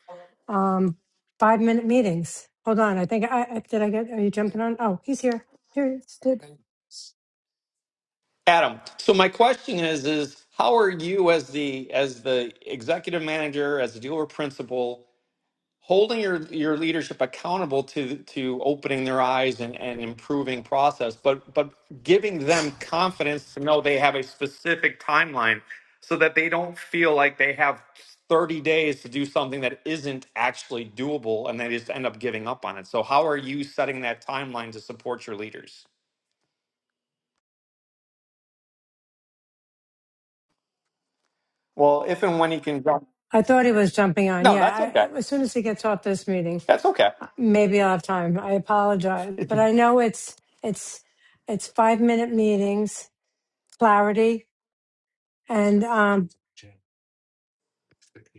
Speaker 13: Um, five minute meetings. Hold on. I think I, I did. I get, are you jumping on? Oh, he's here. Here he is. Did-
Speaker 1: Adam, so my question is is how are you as the as the executive manager, as the dealer principal holding your your leadership accountable to to opening their eyes and, and improving process but but giving them confidence to know they have a specific timeline so that they don't feel like they have 30 days to do something that isn't actually doable and they just end up giving up on it so how are you setting that timeline to support your leaders well if and when you can jump
Speaker 13: I thought he was jumping on.
Speaker 1: no
Speaker 13: Yeah.
Speaker 1: that's okay
Speaker 13: I, as soon as he gets off this meeting,
Speaker 1: that's okay
Speaker 13: uh, maybe I'll have time. I apologize, but I know it's, it's, it's five minute meetings, clarity, and um,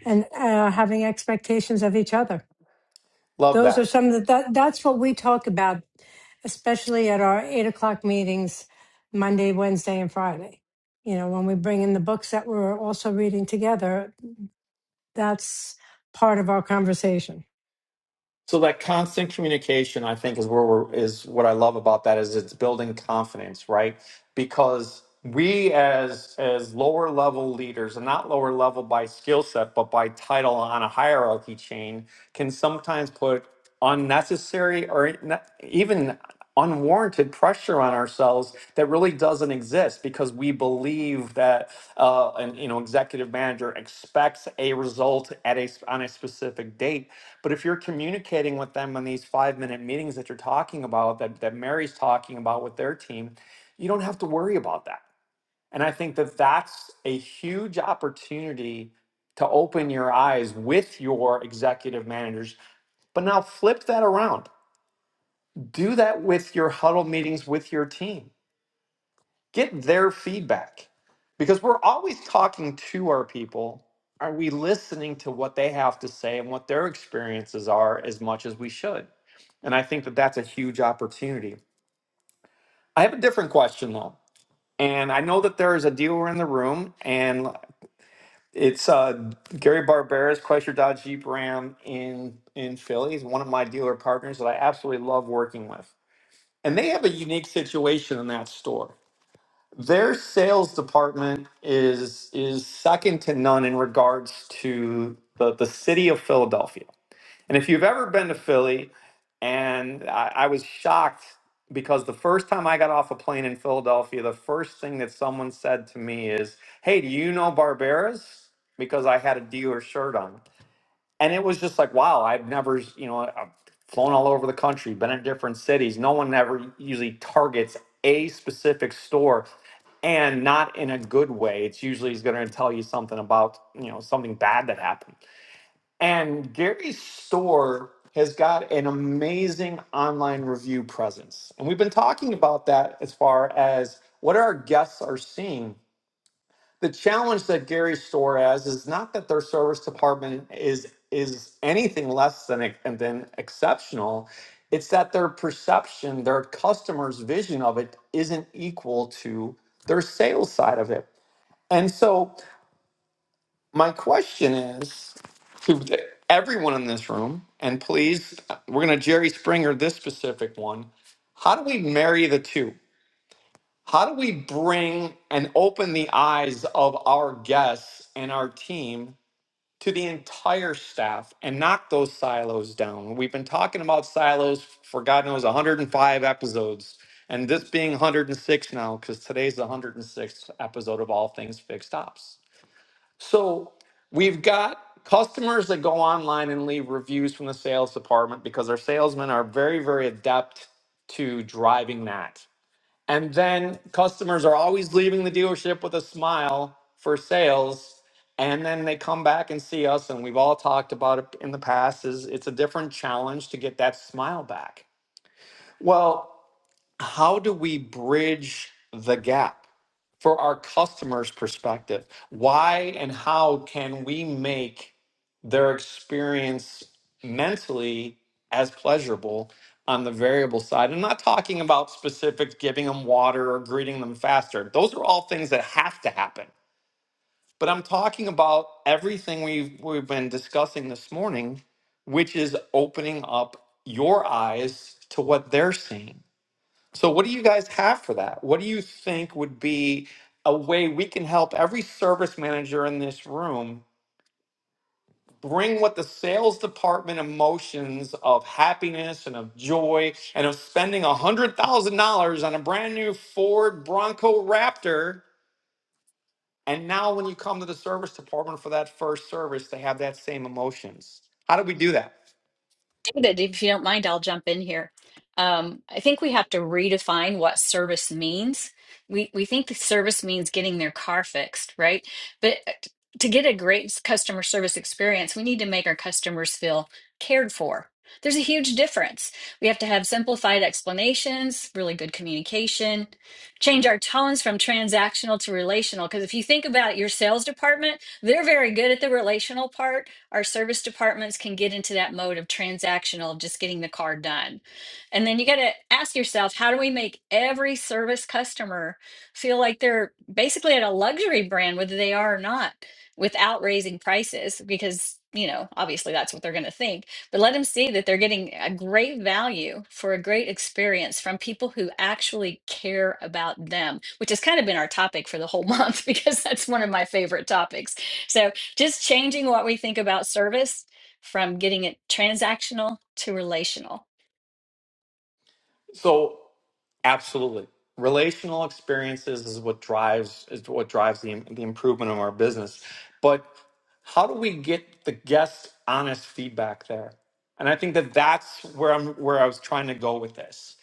Speaker 13: and uh, having expectations of each other.
Speaker 1: love
Speaker 13: Those
Speaker 1: that
Speaker 13: are some of the, that, that's what we talk about, especially at our eight o'clock meetings, Monday, Wednesday, and Friday. You know, when we bring in the books that we're also reading together, that's part of our conversation.
Speaker 1: So that constant communication, I think, is where we're, is what I love about that is it's building confidence, right? Because we as as lower level leaders, and not lower level by skill set, but by title on a hierarchy chain, can sometimes put unnecessary or n- even unwarranted pressure on ourselves that really doesn't exist because we believe that uh, an you know executive manager expects a result at a s- on a specific date but if you're communicating with them in these five minute meetings that you're talking about that, that mary's talking about with their team you don't have to worry about that and i think that that's a huge opportunity to open your eyes with your executive managers but now flip that around. Do that with your huddle meetings with your team. Get their feedback because we're always talking to our people. Are we listening to what they have to say and what their experiences are as much as we should? And I think that that's a huge opportunity. I have a different question though. And I know that there is a dealer in the room, and it's uh, Gary Barbera's Chrysler Dodge Jeep Ram in in Philly. He's one of my dealer partners that I absolutely love working with and they have a unique situation in that store. Their sales department is is second to none in regards to the, the city of Philadelphia. And if you've ever been to Philly, and I, I was shocked because the first time I got off a plane in Philadelphia, the first thing that someone said to me is, Hey, do you know Barbera's? Because I had a dealer shirt on and it was just like wow i've never you know i've flown all over the country been in different cities no one ever usually targets a specific store and not in a good way it's usually is going to tell you something about you know something bad that happened and gary's store has got an amazing online review presence and we've been talking about that as far as what our guests are seeing the challenge that Gary Store has is not that their service department is is anything less than than exceptional. It's that their perception, their customer's vision of it isn't equal to their sales side of it. And so my question is to everyone in this room, and please, uh, we're going to Jerry Springer this specific one. How do we marry the two? How do we bring and open the eyes of our guests and our team to the entire staff and knock those silos down? We've been talking about silos for God knows 105 episodes, and this being 106 now, because today's the 106th episode of All Things Fixed Ops. So we've got customers that go online and leave reviews from the sales department because our salesmen are very, very adept to driving that. And then customers are always leaving the dealership with a smile for sales. And then they come back and see us, and we've all talked about it in the past. Is it's a different challenge to get that smile back. Well, how do we bridge the gap? for our customers' perspective. Why and how can we make their experience mentally as pleasurable on the variable side? I'm not talking about specifics, giving them water or greeting them faster. Those are all things that have to happen. But I'm talking about everything we've, we've been discussing this morning, which is opening up your eyes to what they're seeing so, what do you guys have for that? What do you think would be a way we can help every service manager in this room bring what the sales department emotions of happiness and of joy and of spending $100,000 on a brand new Ford Bronco Raptor? And now, when you come to the service department for that first service, they have that same emotions. How do we do that?
Speaker 6: David, if you don't mind, I'll jump in here. Um, I think we have to redefine what service means. We we think the service means getting their car fixed, right? But uh, to get a great customer service experience, we need to make our customers feel cared for. There's a huge difference. We have to have simplified explanations, really good communication, change our tones from transactional to relational. Because if you think about your sales department, they're very good at the relational part our service departments can get into that mode of transactional, just getting the car done. And then you got to ask yourself, how do we make every service customer feel like they're basically at a luxury brand, whether they are or not, without raising prices? Because, you know, obviously that's what they're going to think, but let them see that they're getting a great value for a great experience from people who actually care about them, which has kind of been our topic for the whole month [LAUGHS] because that's one of my favorite topics. So, just changing what we think about service from getting it transactional to relational
Speaker 1: So, Absolutely. Relational experiences is what drives is what drives the, the improvement of our business. But how do we get the guest honest feedback there? And I think that that's where I'm where I was trying to go with this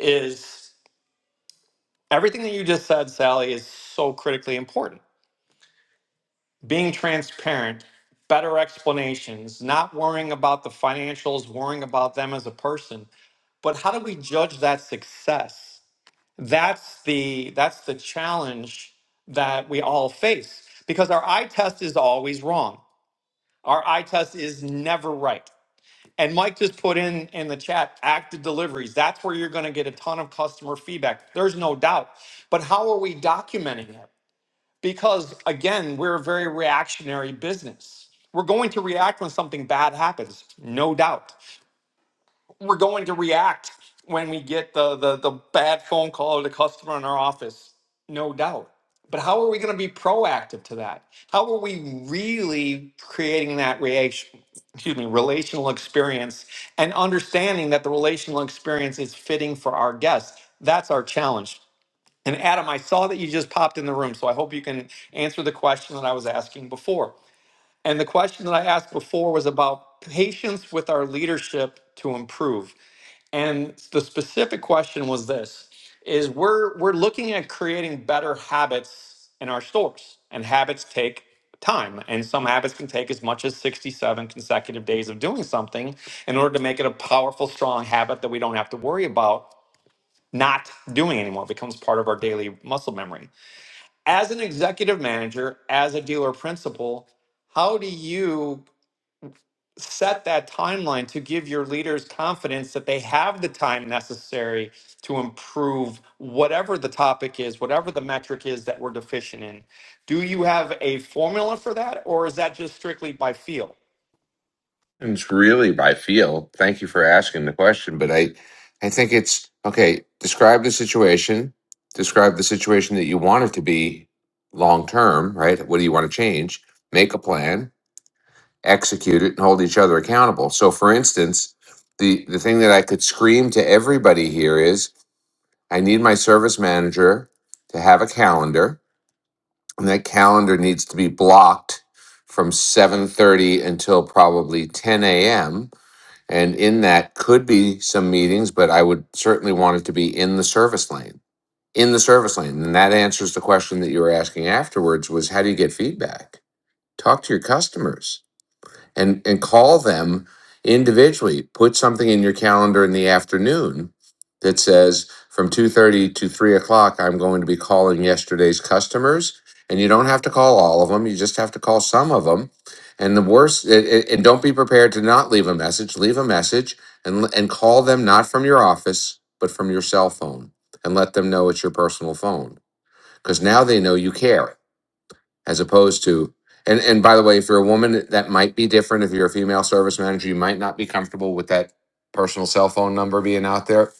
Speaker 1: is everything that you just said Sally is so critically important. Being transparent, better explanations, not worrying about the financials, worrying about them as a person, but how do we judge that success? that's the that's the challenge that we all face because our eye test is always wrong our eye test is never right and mike just put in in the chat active deliveries that's where you're going to get a ton of customer feedback there's no doubt but how are we documenting it because again we're a very reactionary business we're going to react when something bad happens no doubt we're going to react when we get the, the, the bad phone call of the customer in our office, no doubt. But how are we going to be proactive to that? How are we really creating that reaction? Excuse me, relational experience and understanding that the relational experience is fitting for our guests. That's our challenge. And Adam, I saw that you just popped in the room, so I hope you can answer the question that I was asking before. And the question that I asked before was about patience with our leadership to improve. And the specific question was this is we're we're looking at creating better habits in our stores. And habits take time. And some habits can take as much as 67 consecutive days of doing something in order to make it a powerful, strong habit that we don't have to worry about not doing anymore. It becomes part of our daily muscle memory. As an executive manager, as a dealer principal, how do you set that timeline to give your leaders confidence that they have the time necessary to improve whatever the topic is, whatever the metric is that we're deficient in. Do you have a formula for that, or is that just strictly by feel?
Speaker 14: It's really by feel. Thank you for asking the question, but I, I think it's okay. Describe the situation. Describe the situation that you want it to be long term, right? What do you want to change? Make a plan, execute it, and hold each other accountable. So, for instance, the the thing that I could scream to everybody here is, I need my service manager to have a calendar, and that calendar needs to be blocked from 7:30 until probably 10 a.m and in that could be some meetings, but I would certainly want it to be in the service lane. In the service lane. And that answers the question that you were asking afterwards was how do you get feedback? Talk to your customers and and call them individually put something in your calendar in the afternoon that says from 2.30 to 3 o'clock i'm going to be calling yesterday's customers and you don't have to call all of them you just have to call some of them and the worst and, and and don't be prepared to not leave a message leave a message and and call them not from your office but from your cell phone and let them know it's your personal phone because now they know you care as opposed to and and by the way if you're a woman that might be different if you're a female service manager you might not be comfortable with that personal cell phone number being out there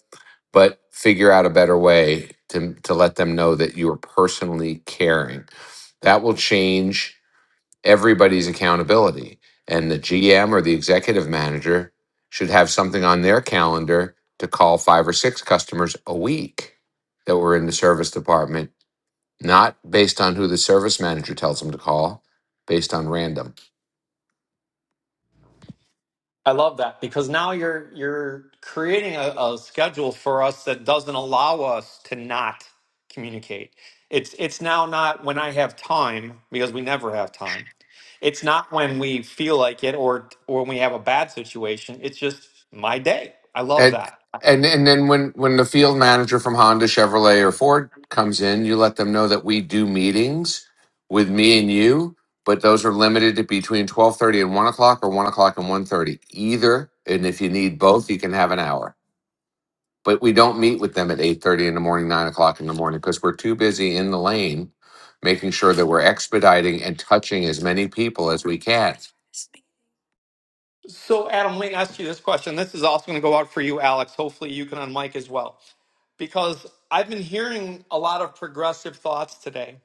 Speaker 14: but figure out a better way to to let them know that you are personally caring that will change everybody's accountability and the gm or the executive manager should have something on their calendar to call five or six customers a week that were in the service department not based on who the service manager tells them to call, based on random.
Speaker 1: I love that because now you're you're creating a, a schedule for us that doesn't allow us to not communicate. It's it's now not when I have time because we never have time. It's not when we feel like it or or when we have a bad situation. It's just my day. I love
Speaker 14: And
Speaker 1: that.
Speaker 14: and and then when when the field manager from Honda, Chevrolet, or Ford comes in, you let them know that we do meetings with me and you, but those are limited to between twelve thirty and one o'clock, or one o'clock and one thirty, either. And if you need both, you can have an hour. But we don't meet with them at eight thirty in the morning, nine o'clock in the morning, because we're too busy in the lane, making sure that we're expediting and touching as many people as we can.
Speaker 1: So Adam, let me ask you this question. This is also going to go out for you, Alex. Hopefully you can on as well because I've been hearing a lot of progressive thoughts today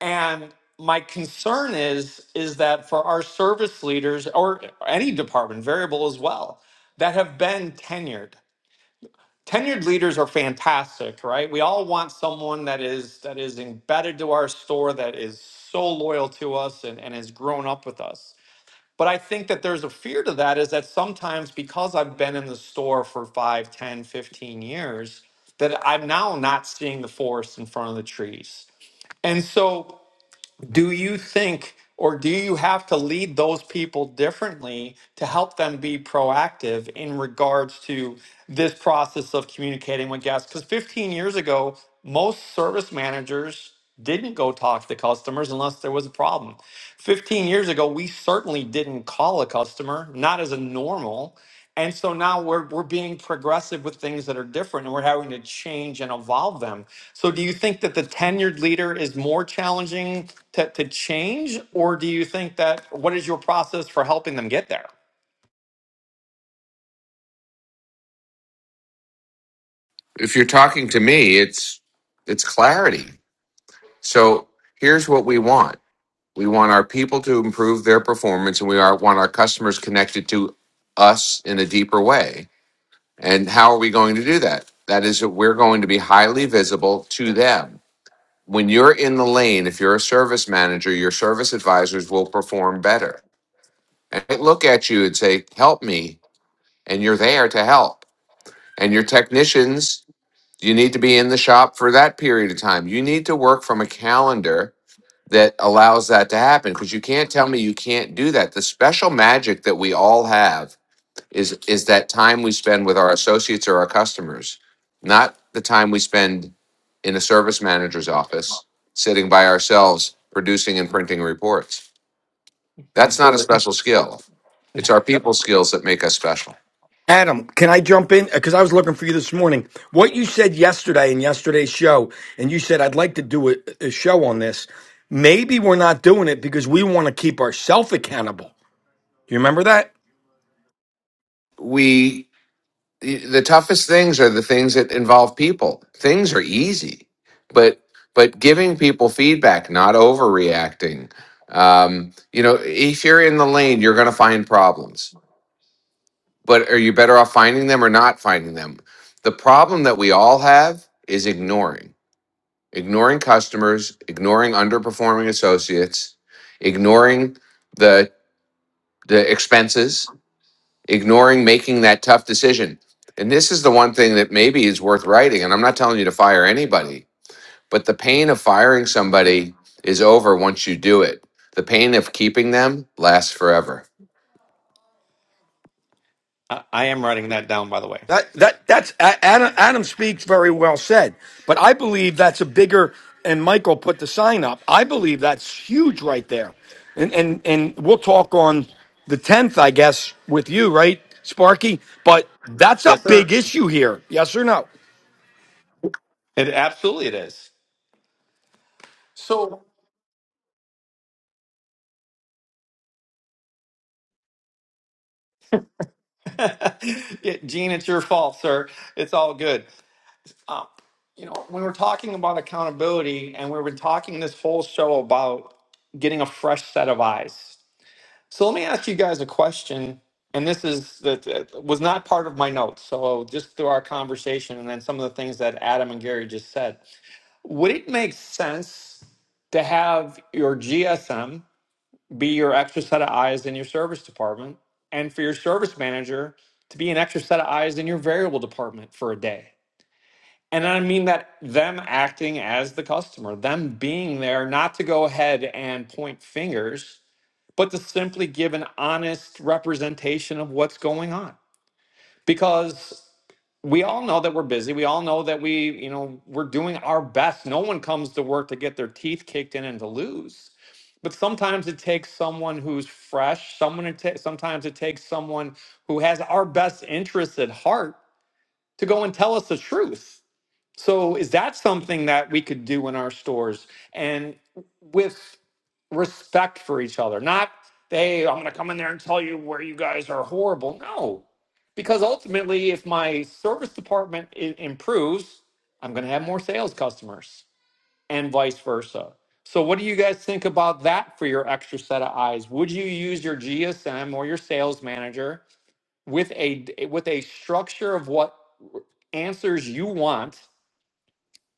Speaker 1: And my concern is is that for our service leaders or any department, variable as well, that have been tenured. Tenured leaders are fantastic, right? We all want someone that is that is embedded to our store, that is so loyal to us and, and has grown up with us. But I think that there's a fear to that is that sometimes because I've been in the store for 5, 10, 15 years, that I'm now not seeing the forest in front of the trees. And so do you think or do you have to lead those people differently to help them be proactive in regards to this process of communicating with guests because 15 years ago most service managers didn't go talk to customers unless there was a problem 15 years ago we certainly didn't call a customer not as a normal and so now we're we're being progressive with things that are different and we're having to change and evolve them. So do you think that the tenured leader is more challenging to, to change? Or do you think that what is your process for helping them get there?
Speaker 14: if you're talking to me, it's it's clarity. So here's what we want: we want our people to improve their performance, and we are, want our customers connected to us in a deeper way. And how are we going to do that? That is, that we're going to be highly visible to them. When you're in the lane, if you're a service manager, your service advisors will perform better. And they look at you and say, "Help me," and you're there to help. And your technicians You need to be in the shop for that period of time. You need to work from a calendar that allows that to happen because you can't tell me you can't do that. The special magic that we all have is is that time we spend with our associates or our customers, not the time we spend in a service manager's office sitting by ourselves producing and printing reports. That's not a
Speaker 1: Completely.
Speaker 14: special skill. It's our people skills that make us special.
Speaker 15: Adam, can I jump in? Because I was looking for you this morning. What you said yesterday in yesterday's show, and you said, I'd like to do a, a show on this. Maybe we're not doing it because we want to keep ourselves accountable. Do you remember that?
Speaker 14: We the toughest things are the things that involve people. Things are easy, but but giving people feedback, not overreacting. Um, you know, if you're in the lane, you're going to find problems. But are you better off finding them or not finding them? The problem that we all have is ignoring, ignoring customers, ignoring underperforming associates, ignoring the the expenses ignoring making that tough decision. And this is the one thing that maybe is worth writing. And I'm not telling you to fire anybody, but the pain of firing somebody is over once you do it. The pain of keeping them lasts forever.
Speaker 1: I, I am writing that down by the way.
Speaker 15: That that that's A- Adam. Adam speaks very well said, but I believe that's a bigger. And Michael put the sign up. I believe that's huge right there, and and and we'll talk on the tenth, I guess, with you, right, Sparky? But that's a
Speaker 1: Yes, sir.
Speaker 15: big issue here. Yes or no?
Speaker 1: It absolutely it is. So [LAUGHS] yeah, Gene, it's your fault, sir. It's all good. um, you know, when we are talking about accountability and we've been talking this whole show about getting a fresh set of eyes. So let me ask you guys a question. And this is that that was not part of my notes. So just through our conversation and then some of the things that Adam and Gary just said, would it make sense to have your GSM be your extra set of eyes in your service department and for your service manager to be an extra set of eyes in your variable department for a day? And I mean that them acting as the customer, them being there, not to go ahead and point fingers, but to simply give an honest representation of what's going on. Because we all know that we're busy. We all know that we, you know, we're doing our best. No one comes to work to get their teeth kicked in and to lose. But sometimes it takes someone who's fresh, someone it ta- sometimes it takes someone who has our best interests at heart to go and tell us the truth so is that something that we could do in our stores and with respect for each other? Not, hey, I'm going to come in there and tell you where you guys are horrible. No, because ultimately, if my service department I- improves, I'm going to have more sales customers and vice versa. So, what do you guys think about that for your extra set of eyes? Would you use your GSM or your sales manager with a with a structure of what answers you want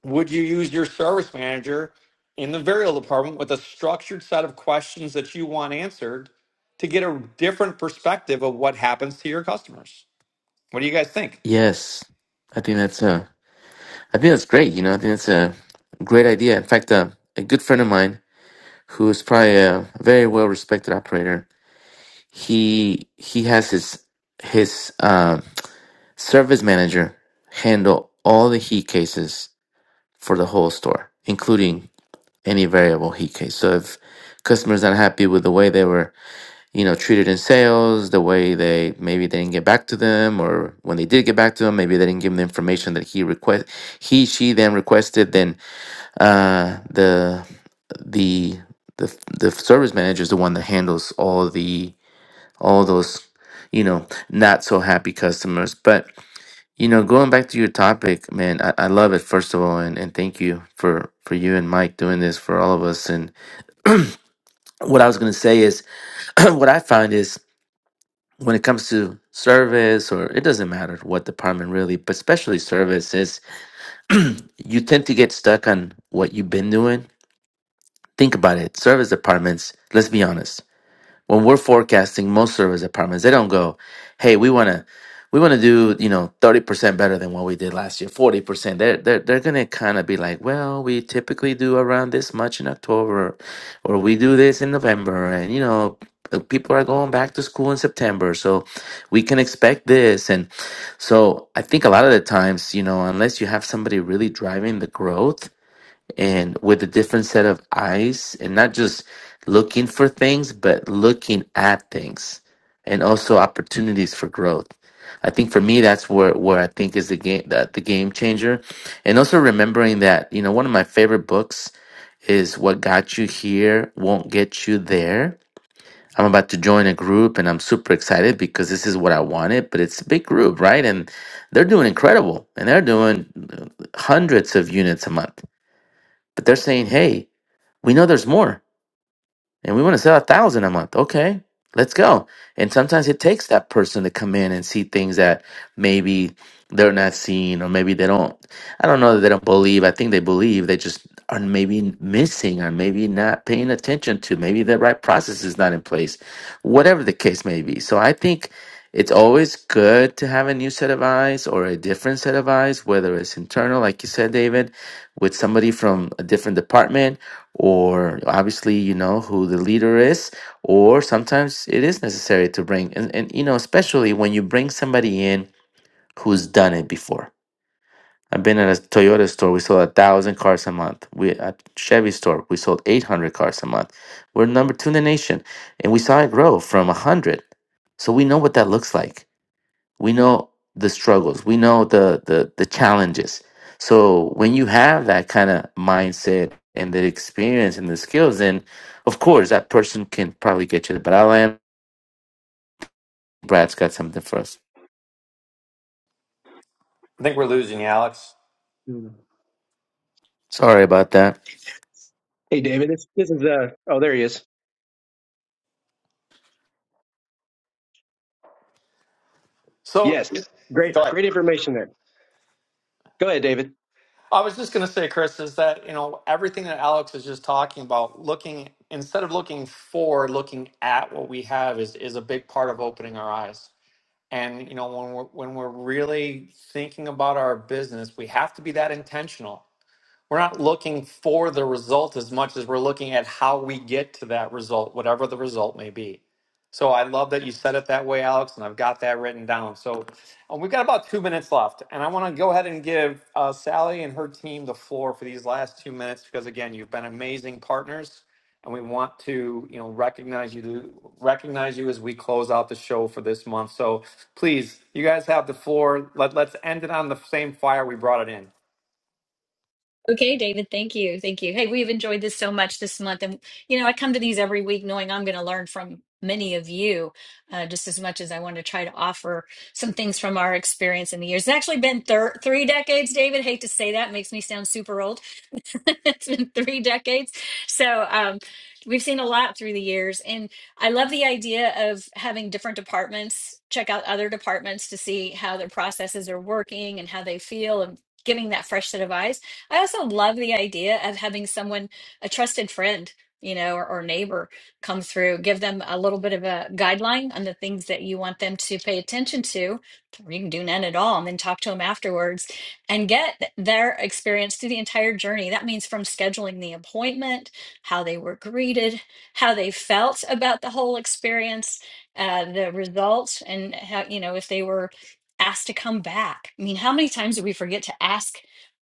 Speaker 1: would you use your service manager in the burial department with a structured set of questions that you want answered to get a different perspective of what happens to your customers? What do you guys think?
Speaker 16: Yes, I think that's uh, I think that's great. You know, I think that's a great idea. In fact, uh, a good friend of mine who is probably a very well-respected operator, he he has his his um, service manager handle all the heat cases for the whole store, including any variable heat case. So if customers not happy with the way they were you know treated in sales the way they maybe they didn't get back to them or when they did get back to them maybe they didn't give him the information that he request he she then requested then uh the the the the service manager is the one that handles all the all those you know not so happy customers but you know going back to your topic man i, I love it first of all and, and thank you for for you and mike doing this for all of us and what i was going to say is [CLEARS THROAT] what i find is when it comes to service or it doesn't matter what department really but especially service is you tend to get stuck on what you've been doing think about it service departments let's be honest when we're forecasting most service departments, they don't go, "Hey, we want to we want to do, you know, 30% better than what we did last year, 40%." They're they're they're going to kind of be like, "Well, we typically do around this much in October or we do this in November and you know, uh, people are going back to school in September, so we can expect this." And so, I think a lot of the times, you know, unless you have somebody really driving the growth, and with a different set of eyes and not just looking for things but looking at things and also opportunities for growth i think for me that's where where i think is the game the, the game changer and also remembering that you know one of my favorite books is what got you here won't get you there i'm about to join a group and i'm super excited because this is what i wanted but it's a big group right and they're doing incredible and they're doing uh, hundreds of units a month but they're saying hey we know there's more and we want to sell a thousand a month okay let's go and sometimes it takes that person to come in and see things that maybe they're not seeing or maybe they don't i don't know that they don't believe i think they believe they just are maybe missing or maybe not paying attention to maybe the right process is not in place whatever the case may be so i think it's always good to have a new set of eyes or a different set of eyes whether it's internal like you said david with somebody from a different department or obviously you know who the leader is or sometimes it is necessary to bring and, and you know especially when you bring somebody in who's done it before i've been at a toyota store we sold a thousand cars a month we at chevy store we sold 800 cars a month we're number two in the nation and we saw it grow from 100 so we know what that looks like we know the struggles we know the the, the challenges so when you have that kind of mindset and the experience and the skills then of course that person can probably get you the but i'll end brad's got something for us
Speaker 1: I think we're losing you, Alex.
Speaker 16: sorry about that
Speaker 12: Hey, David, this, this is, uh, oh, there he is.
Speaker 1: So
Speaker 12: Yes.
Speaker 1: go
Speaker 12: Great,
Speaker 1: ahead.
Speaker 12: great information there. Go ahead, David.
Speaker 1: I was just going to say, Chris, is that you know everything that Alex is just talking about, looking instead of looking forward, looking at what we have is is a big part of opening our eyes. And you know when we're when we're really thinking about our business, we have to be that intentional We're not looking for the result as much as we're looking at how we get to that result, whatever the result may be. So I love that you said it that way, Alex, and I've got that written down. So um, we've got about two minutes left, and I want to go ahead and give uh, Sally and her team the floor for these last two minutes because, again, you've been amazing partners, and we want to, you know, recognize you recognize you as we close out the show for this month. So please, you guys have the floor. Let, let's end it on the same fire we brought it in.
Speaker 6: Okay, David, thank you. Thank you. Hey, we've enjoyed this so much this month. And, you know, I come to these every week knowing I'm going to learn from many of you uh, just as much as I want to try to offer some things from our experience in the years. It's actually been thir- three decades, David. Hate to say that, makes me sound super old. [LAUGHS] it's been three decades. So, um, We've seen a lot through the years, and I love the idea of having different departments check out other departments to see how their processes are working and how they feel, and giving that fresh set of eyes. I also love the idea of having someone, a trusted friend, you know, or, or neighbor come through, give them a little bit of a guideline on the things that you want them to pay attention to, or you can do none at all, and then talk to them afterwards and get their experience through the entire journey. That means from scheduling the appointment, how they were greeted, how they felt about the whole experience, uh, the results, and how, you know, if they were asked to come back. I mean, how many times do we forget to ask?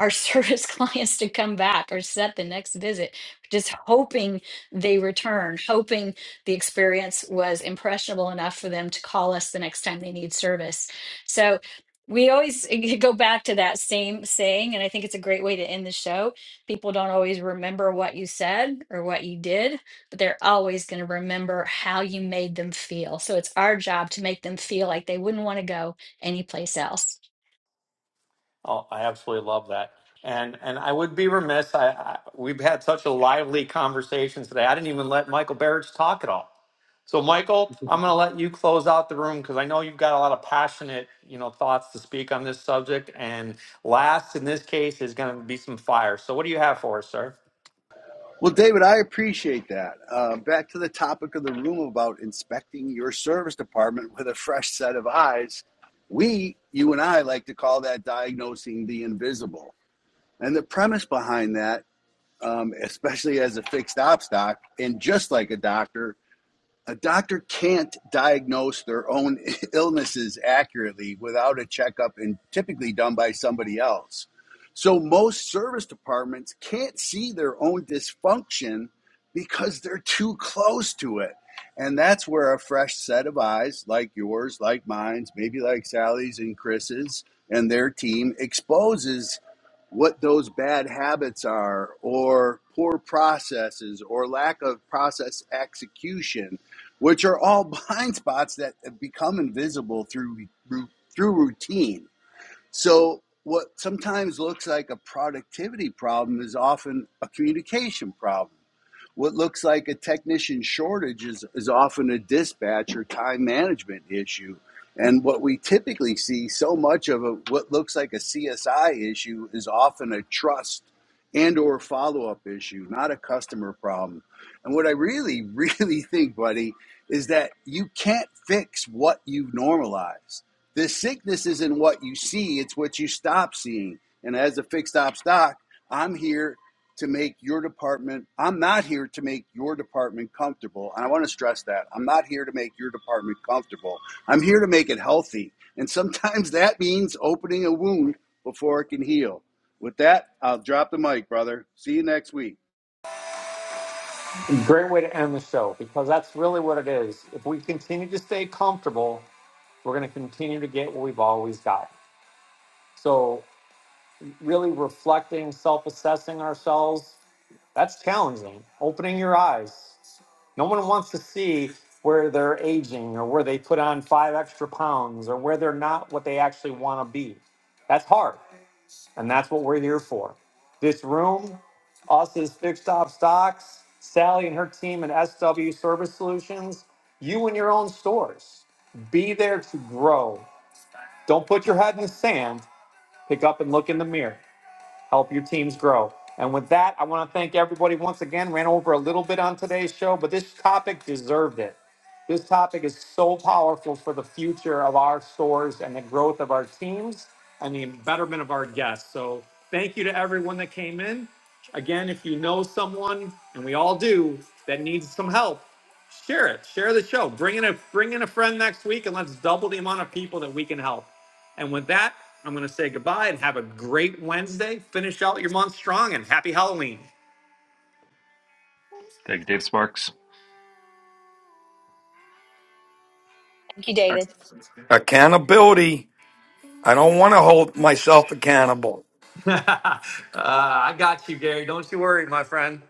Speaker 6: our service [LAUGHS] clients to come back or set the next visit, just hoping they return, hoping the experience was impressionable enough for them to call us the next time they need service. So we always [LAUGHS] go back to that same saying, and I think it's a great way to end the show. People don't always remember what you said or what you did, but they're always going to remember how you made them feel. So it's our job to make them feel like they wouldn't want to go anyplace else.
Speaker 1: Oh, I absolutely love that. And and I would be remiss. I, I we've had such a lively conversation today. I didn't even let Michael Barrage talk at all. So Michael, I'm going to let you close out the room because I know you've got a lot of passionate, you know, thoughts to speak on this subject. And last in this case is going to be some fire. So what do you have for us, sir?
Speaker 2: Well, David, I appreciate that. Uh, back to the topic of the room about inspecting your service department with a fresh set of eyes. We, you and I, like to call that diagnosing the invisible. And the premise behind that, um, especially as a fixed op stock, and just like a doctor, a doctor can't diagnose their own [LAUGHS] illnesses accurately without a checkup and typically done by somebody else. So most service departments can't see their own dysfunction because they're too close to it. And that's where a fresh set of eyes, like yours, like mine's, maybe like Sally's and Chris's and their team, exposes what those bad habits are or poor processes or lack of process execution which are all [LAUGHS] blind spots that have become invisible through through routine. So what sometimes looks like a productivity problem is often a communication problem. What looks like a technician shortage is, is often a dispatch or time management issue. And what we typically see so much of a, what looks like a CSI issue is often a trust and or follow-up issue, not a customer problem. And what I really, [LAUGHS] really think, buddy, is that you can't fix what you've normalized. The sickness isn't what you see, it's what you stop seeing. And as a fixed ops doc, I'm here to make your department, I'm not here to make your department comfortable. And I want to stress that I'm not here to make your department comfortable. I'm here to make it healthy. And sometimes [LAUGHS] that means opening a wound before it can heal. With that, I'll drop the mic, brother. See you next week.
Speaker 1: Great way to end the show because that's really what it is. If we continue to stay comfortable, we're going to continue to get what we've always got. So, really reflecting, self assessing ourselves, That's challenging. Opening your eyes. No one wants to see where they're aging or where they put on five extra pounds or where they're not what they actually want to be. That's hard. And that's what we're here for. This room, us as Fixed Op Stocks, Sally and her team and SW Service Solutions, you and your own stores. Be there to grow. Don't put your head in the sand. Pick up and look in the mirror help your teams grow. And with that, I want to thank everybody once again. Ran over a little bit on today's show, but this topic deserved it. This topic is so powerful for the future of our stores and the growth of our teams and the betterment of our guests. So, thank you to everyone that came in. Again, if you know someone, and we all do, that needs some help, share it. Share the show. Bring in a bring in a friend next week, and let's double the amount of people that we can help. And with that, I'm going to say goodbye and have a great Wednesday. Finish out your month strong and happy Halloween.
Speaker 17: Thank you, Dave Sparks.
Speaker 6: Thank you, David.
Speaker 15: Accountability. I don't want to hold myself accountable.
Speaker 1: [LAUGHS] uh, I got you, Gary. Don't you worry, my friend.